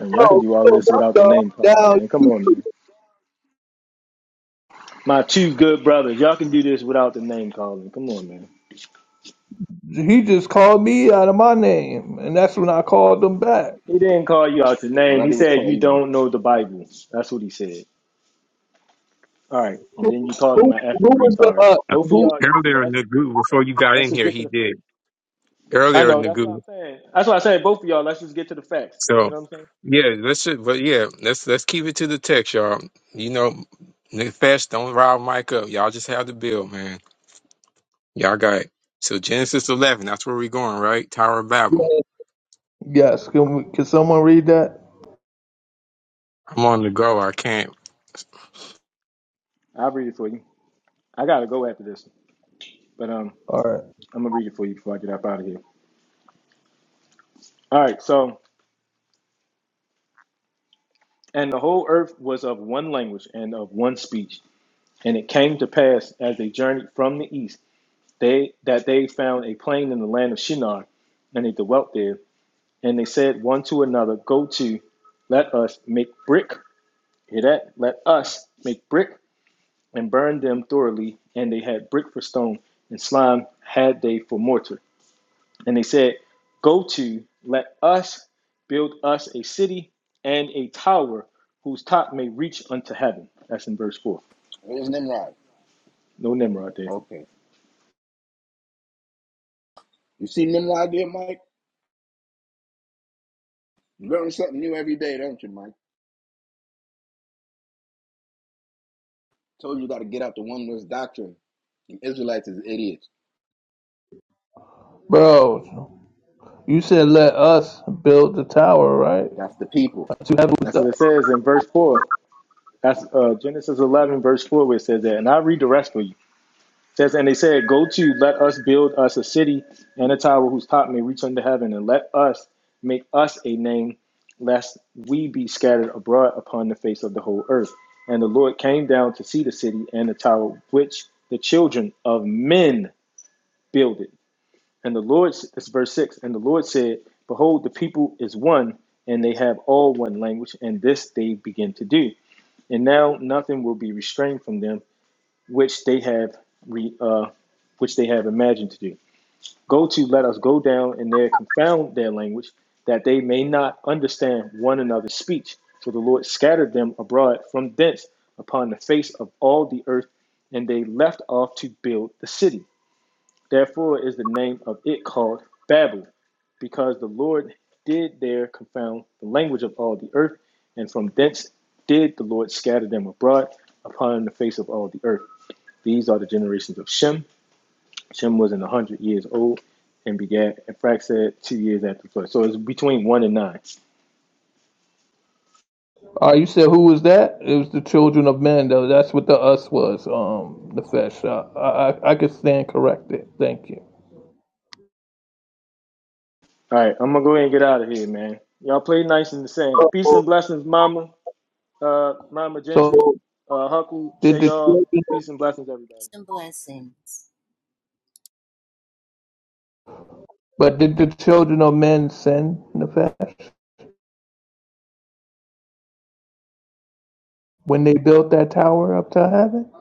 H: And
F: Bro,
H: y'all can do all of
F: so
H: this
F: that's
H: without the
F: dumb.
H: name calling,
F: Now
H: man. Come on, man. My two good brothers, y'all can do this without the name calling. Come on, man.
F: he just called me out of my name, and that's when I called him back.
H: He didn't call you out your
E: Well,
H: name. He
E: that was
H: said
E: called
H: you
E: you.
H: don't know the Bible. That's what he said. All right,
F: Who
H: and then you called him
F: who,
H: an
F: who
H: effing
F: was the
H: retard.
F: uh,
H: Both of
F: who?
H: y'all, just
A: Earlier,
H: let's just get to
A: Nagu,
H: the
A: before
H: facts.
A: you got
H: Let's
A: in
H: just
A: here,
H: get to
A: he
H: the facts.
A: did.
H: I
A: Earlier,
H: know that's what
A: Nagu.
H: I'm saying. That's why I said both of y'all. Let's just get to the facts.
A: So,
H: You know what I'm saying?
A: yeah, let's just, but yeah, let's let's keep it to the text, y'all. You know, Nefesh, don't rile Mike up. Y'all just have the bill, man. Y'all got it. So Genesis 11, that's where we're going, right? Tower of Babel.
F: Yes, can we, can someone read that?
A: I'm on the go. I can't.
H: I'll read it for you. I gotta go after this, but um,
F: All right,
H: I'm gonna read it for you before I get up out of here. All right. So, and the whole earth was of one language and of one speech. And it came to pass as they journeyed from the east, they that they found a plain in the land of Shinar, and they dwelt there And they said one to another, Go to, let us make brick. Hear that? Let us make brick and burn them thoroughly. And they had brick for stone, and slime had they for mortar. And they said, Go to, let us build us a city and a tower whose top may reach unto heaven. That's in verse 4.
E: Where's Nimrod?
H: No Nimrod there.
E: Okay. You see Nimrod there, Mike? You learn something new every day, don't you, Mike? Told you, you got to get out the oneness doctrine. The Israelites is idiots.
F: bro. You said let us build the tower, right?
E: That's the people.
F: To heaven was
H: That's
F: the
H: what it says in verse 4. That's uh, Genesis 11, verse 4, where it says that. And I'll read the rest for you. says, and they said, Go to, let us build us a city and a tower whose top may reach unto heaven, and let us make us a name, lest we be scattered abroad upon the face of the whole earth. And the Lord came down to see the city and the tower which the children of men builded. And the Lord, that's verse 6, and the Lord said, Behold, the people is one, and they have all one language, and this they begin to do. And now nothing will be restrained from them which they have re, uh, which they have imagined to do. Go to let us go down and there confound their language, that they may not understand one another's speech. For the Lord scattered them abroad from thence upon the face of all the earth, and they left off to build the city. Therefore is the name of it called Babel, because the Lord did there confound the language of all the earth, and from thence did the Lord scatter them abroad upon the face of all the earth. These are the generations of Shem. Shem was in 100 years old and begat Ephraxad two years after the flood. So it's between 1 and 9.
F: Uh, you said who was that? It was the children of men, though. That's what the us was. Um, Nefesh. Uh, I, I I could stand corrected. Thank you.
H: All right, I'm going to go ahead and get out of here, man. Y'all play nice in the sand.
F: So
H: Peace and blessings, Mama. Uh, Mama
F: so
H: Gentry, uh, Huckle,
F: did the
H: Shayal.
F: children,
H: Peace and blessings, everybody.
G: Peace and blessings.
F: but did the children of men sin Nefesh when they built that tower up to heaven?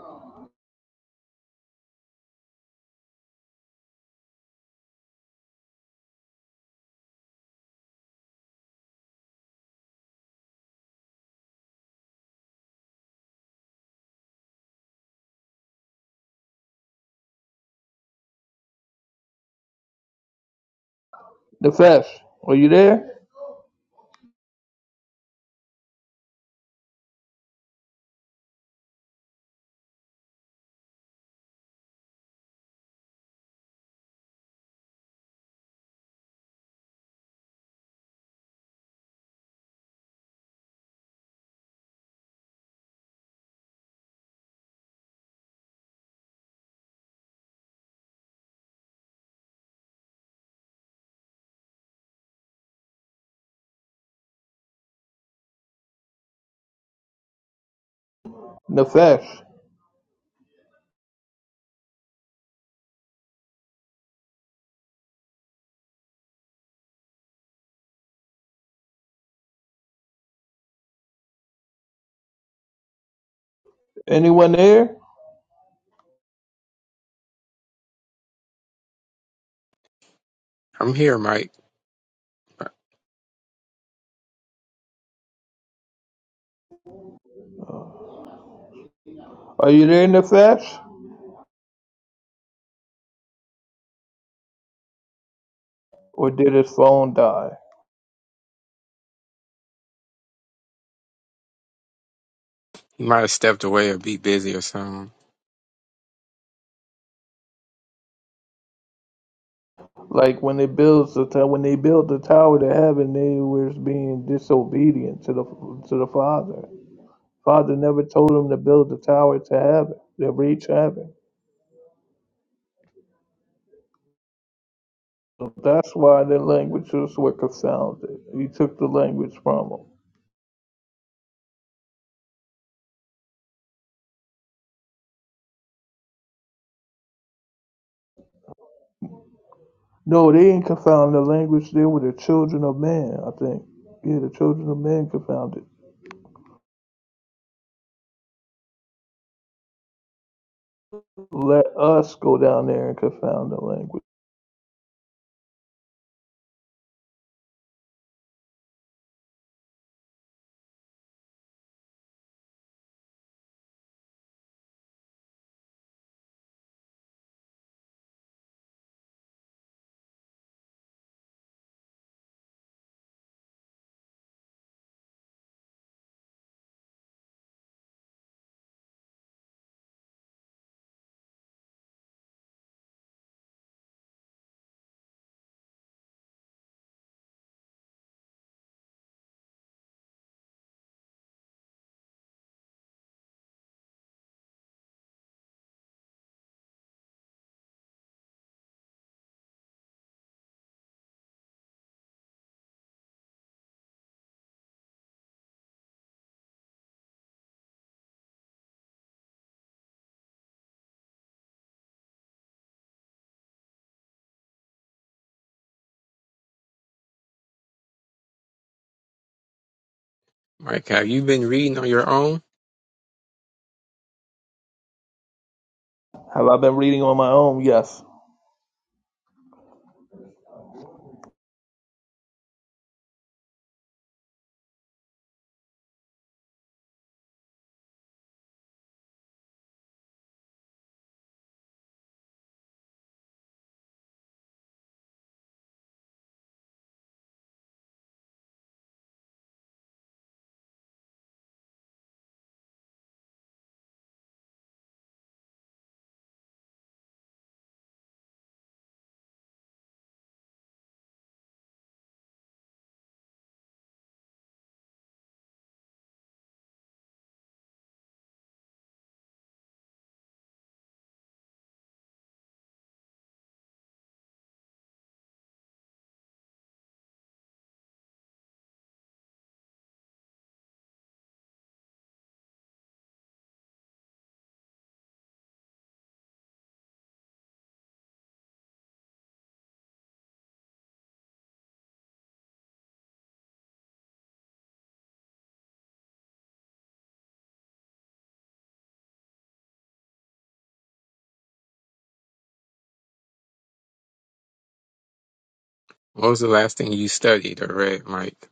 F: Nefesh, Are you there? Nefesh, Anyone there?
A: I'm here, Mike.
F: Are you there Nefesh? Or did his phone die?
A: You might have stepped away or be busy or something.
F: Like when they built the tower, when they built the tower to heaven, they was being disobedient to the to the Father. Father never told them to build a tower to heaven, to reach heaven. So that's why their languages were confounded. He took the language from them. No, they didn't confound the language. They were the children of man, I think. Yeah, the children of man confounded. Let us go down there and confound the language.
A: Mike, have you been reading on your own?
F: Have I been reading on my own? Yes.
A: What was the last thing you studied or read, Mike?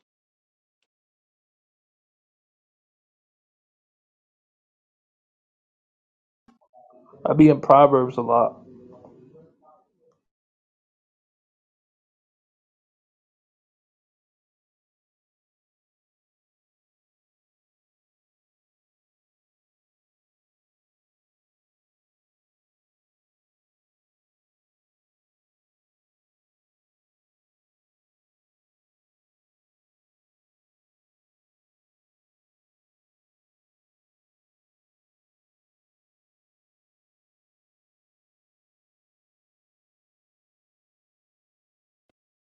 F: I be in Proverbs a lot.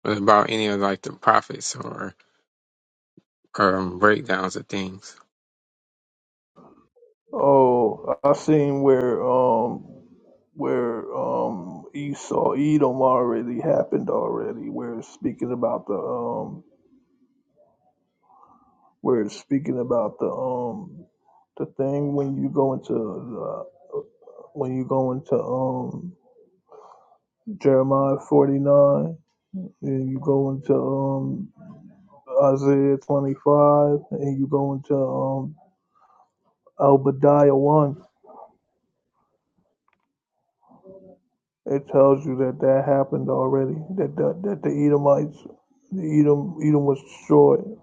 A: What about any of like the prophets or um, breakdowns of things?
F: Oh, I seen where um where um Esau Edom already happened already, where it's speaking about the um where it's speaking about the um the thing when you go into the, when you go into um Jeremiah forty nine and you go into um Isaiah twenty five and you go into um Obadiah one, it tells you that that happened already. That that, that the Edomites the Edom Edom was destroyed.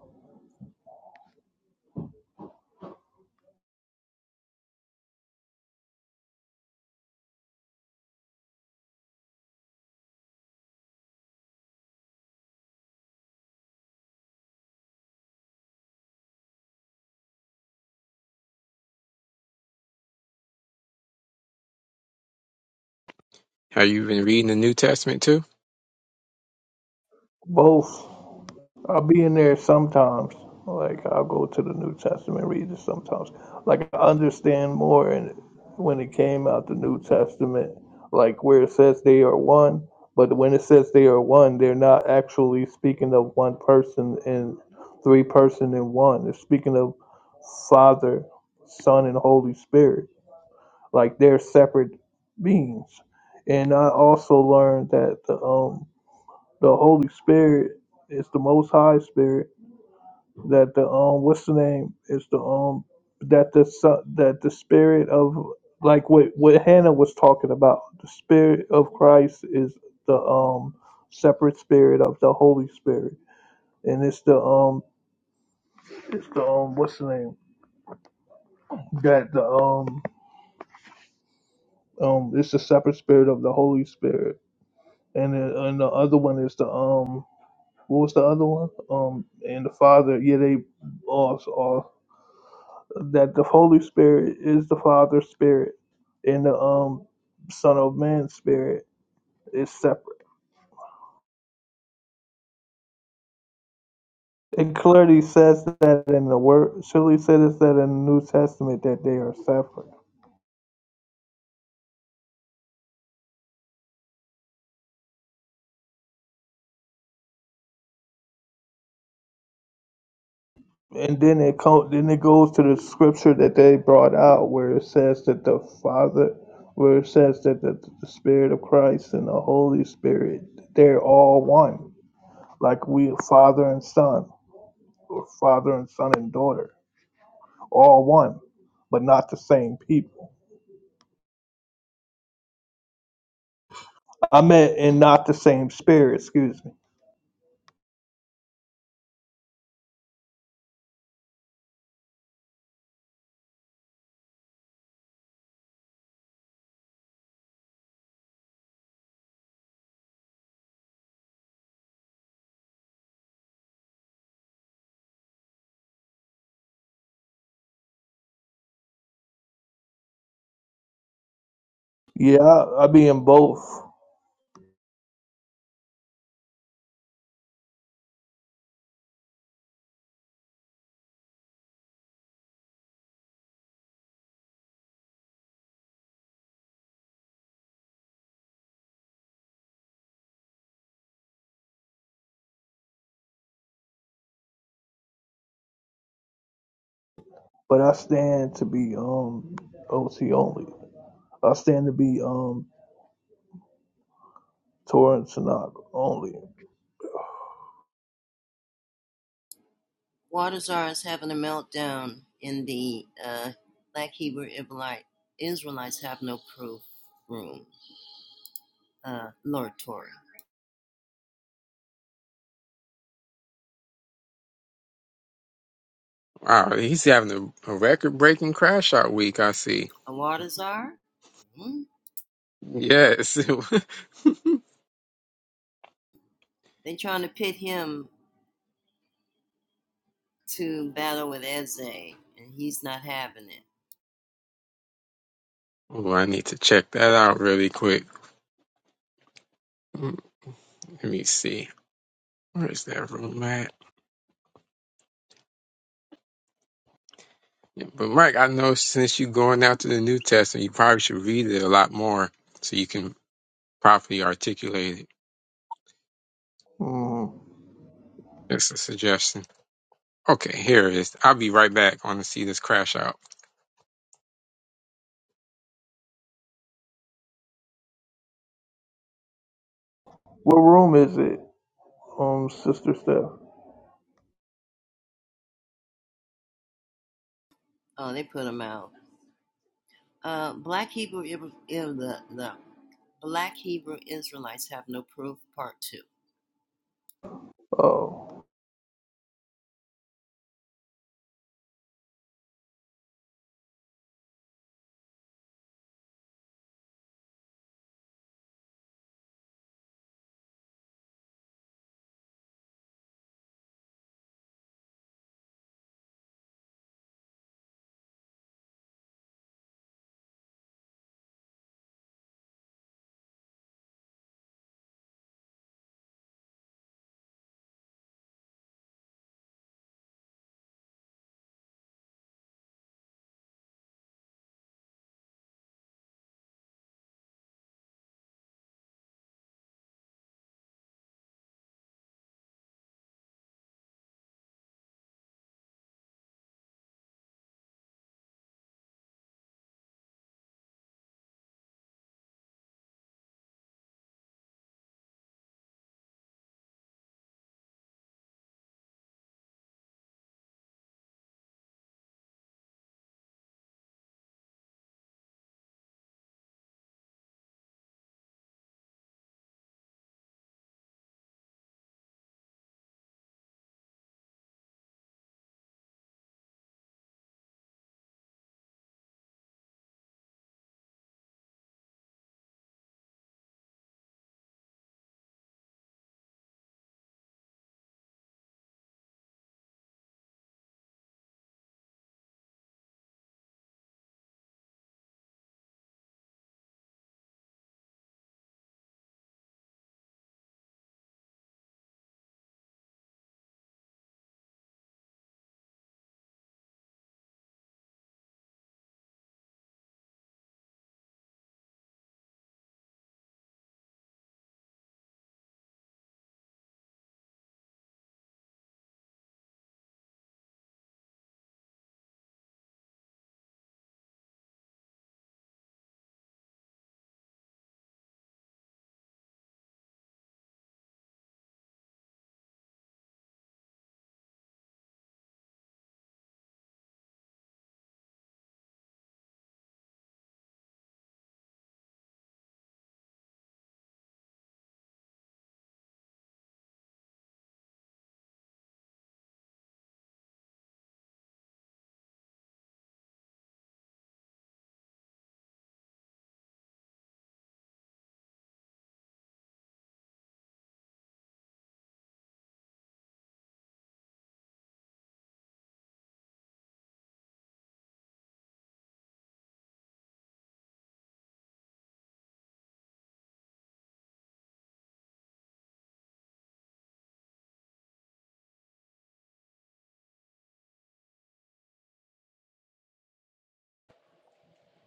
A: Have you been reading the New Testament too?
F: Both. I'll be in there sometimes. Like I'll go to the New Testament, read it sometimes. Like I understand more, and when it came out the New Testament, like where it says they are one, but when it says they are one, they're not actually speaking of one person and three person in one. They're speaking of Father, Son, and Holy Spirit. Like they're separate beings. And I also learned that the um the Holy Spirit is the Most High Spirit that the um what's the name it's the um that the so- that the spirit of like what what Hannah was talking about the spirit of Christ is the um separate spirit of the Holy Spirit and it's the um it's the um what's the name that the um um it's the separate spirit of the Holy Spirit and then, and the other one is the um what was the other one um and the Father yeah they also that the Holy Spirit is the Father's spirit and the um Son of Man's spirit is separate. It clearly says that in the word surely says that in the New Testament that they are separate. And then it co- then it goes to the scripture that they brought out where it says that the Father where it says that the, the Spirit of Christ and the Holy Spirit they're all one. Like we father and son or father and son and daughter all one, but not the same people. I meant in not the same spirit, excuse me. Yeah, I, I be in both, but I stand to be um OT only. I stand to be um Torrance Tanakh only.
G: Watazar is having a meltdown in the uh, Black Hebrew Israelite Israelites have no proof room. Uh, Lord Torah.
A: Wow, he's having a, a record-breaking crash out week. I see.
G: A Watazar? Mm-hmm.
A: Yes. [LAUGHS]
G: They trying to pit him to battle with Eze, and he's not having it.
A: Oh, I need to check that out really quick. Mm, Let me see. Where's that room at? Yeah, but Mike, I know since you're going out to the New Testament, you probably should read it a lot more so you can properly articulate it.
F: Mm.
A: That's a suggestion. Okay, here it is. I'll be right back. I want to see this crash out.
F: What room is it, um, Sister Steph?
G: Oh, they put him out. Uh, Black Hebrew Ibra- Ibra- the, the Black Hebrew Israelites have no proof. Part two.
F: Oh.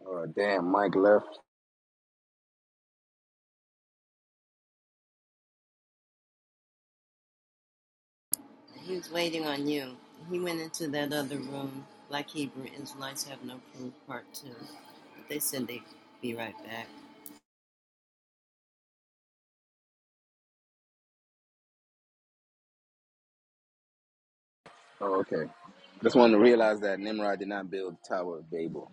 E: Oh, damn, Mike left.
G: He was waiting on you. He went into that other room. Black Hebrew Israelites have no proof, part two. But they said they'd be right back.
E: Oh, okay. Just wanted to realize that Nimrod did not build the Tower of Babel.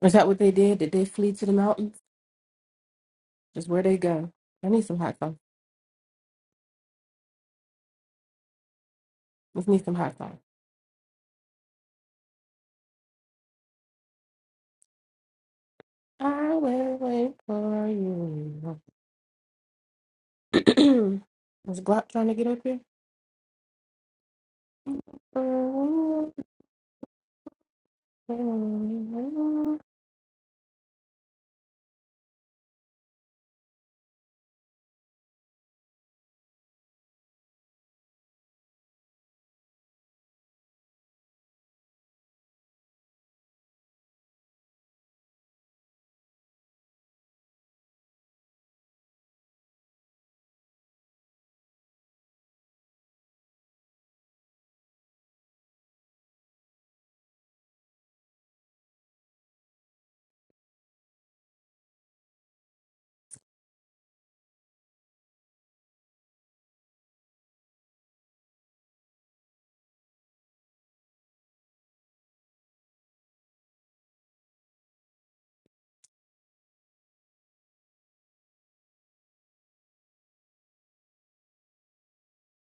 I: Is that what they did? Did they flee to the mountains? Is where they go. I need some hot sauce. Let's need some hot sauce. I will wait for you. [CLEARS THROAT] Is Glock trying to get up here?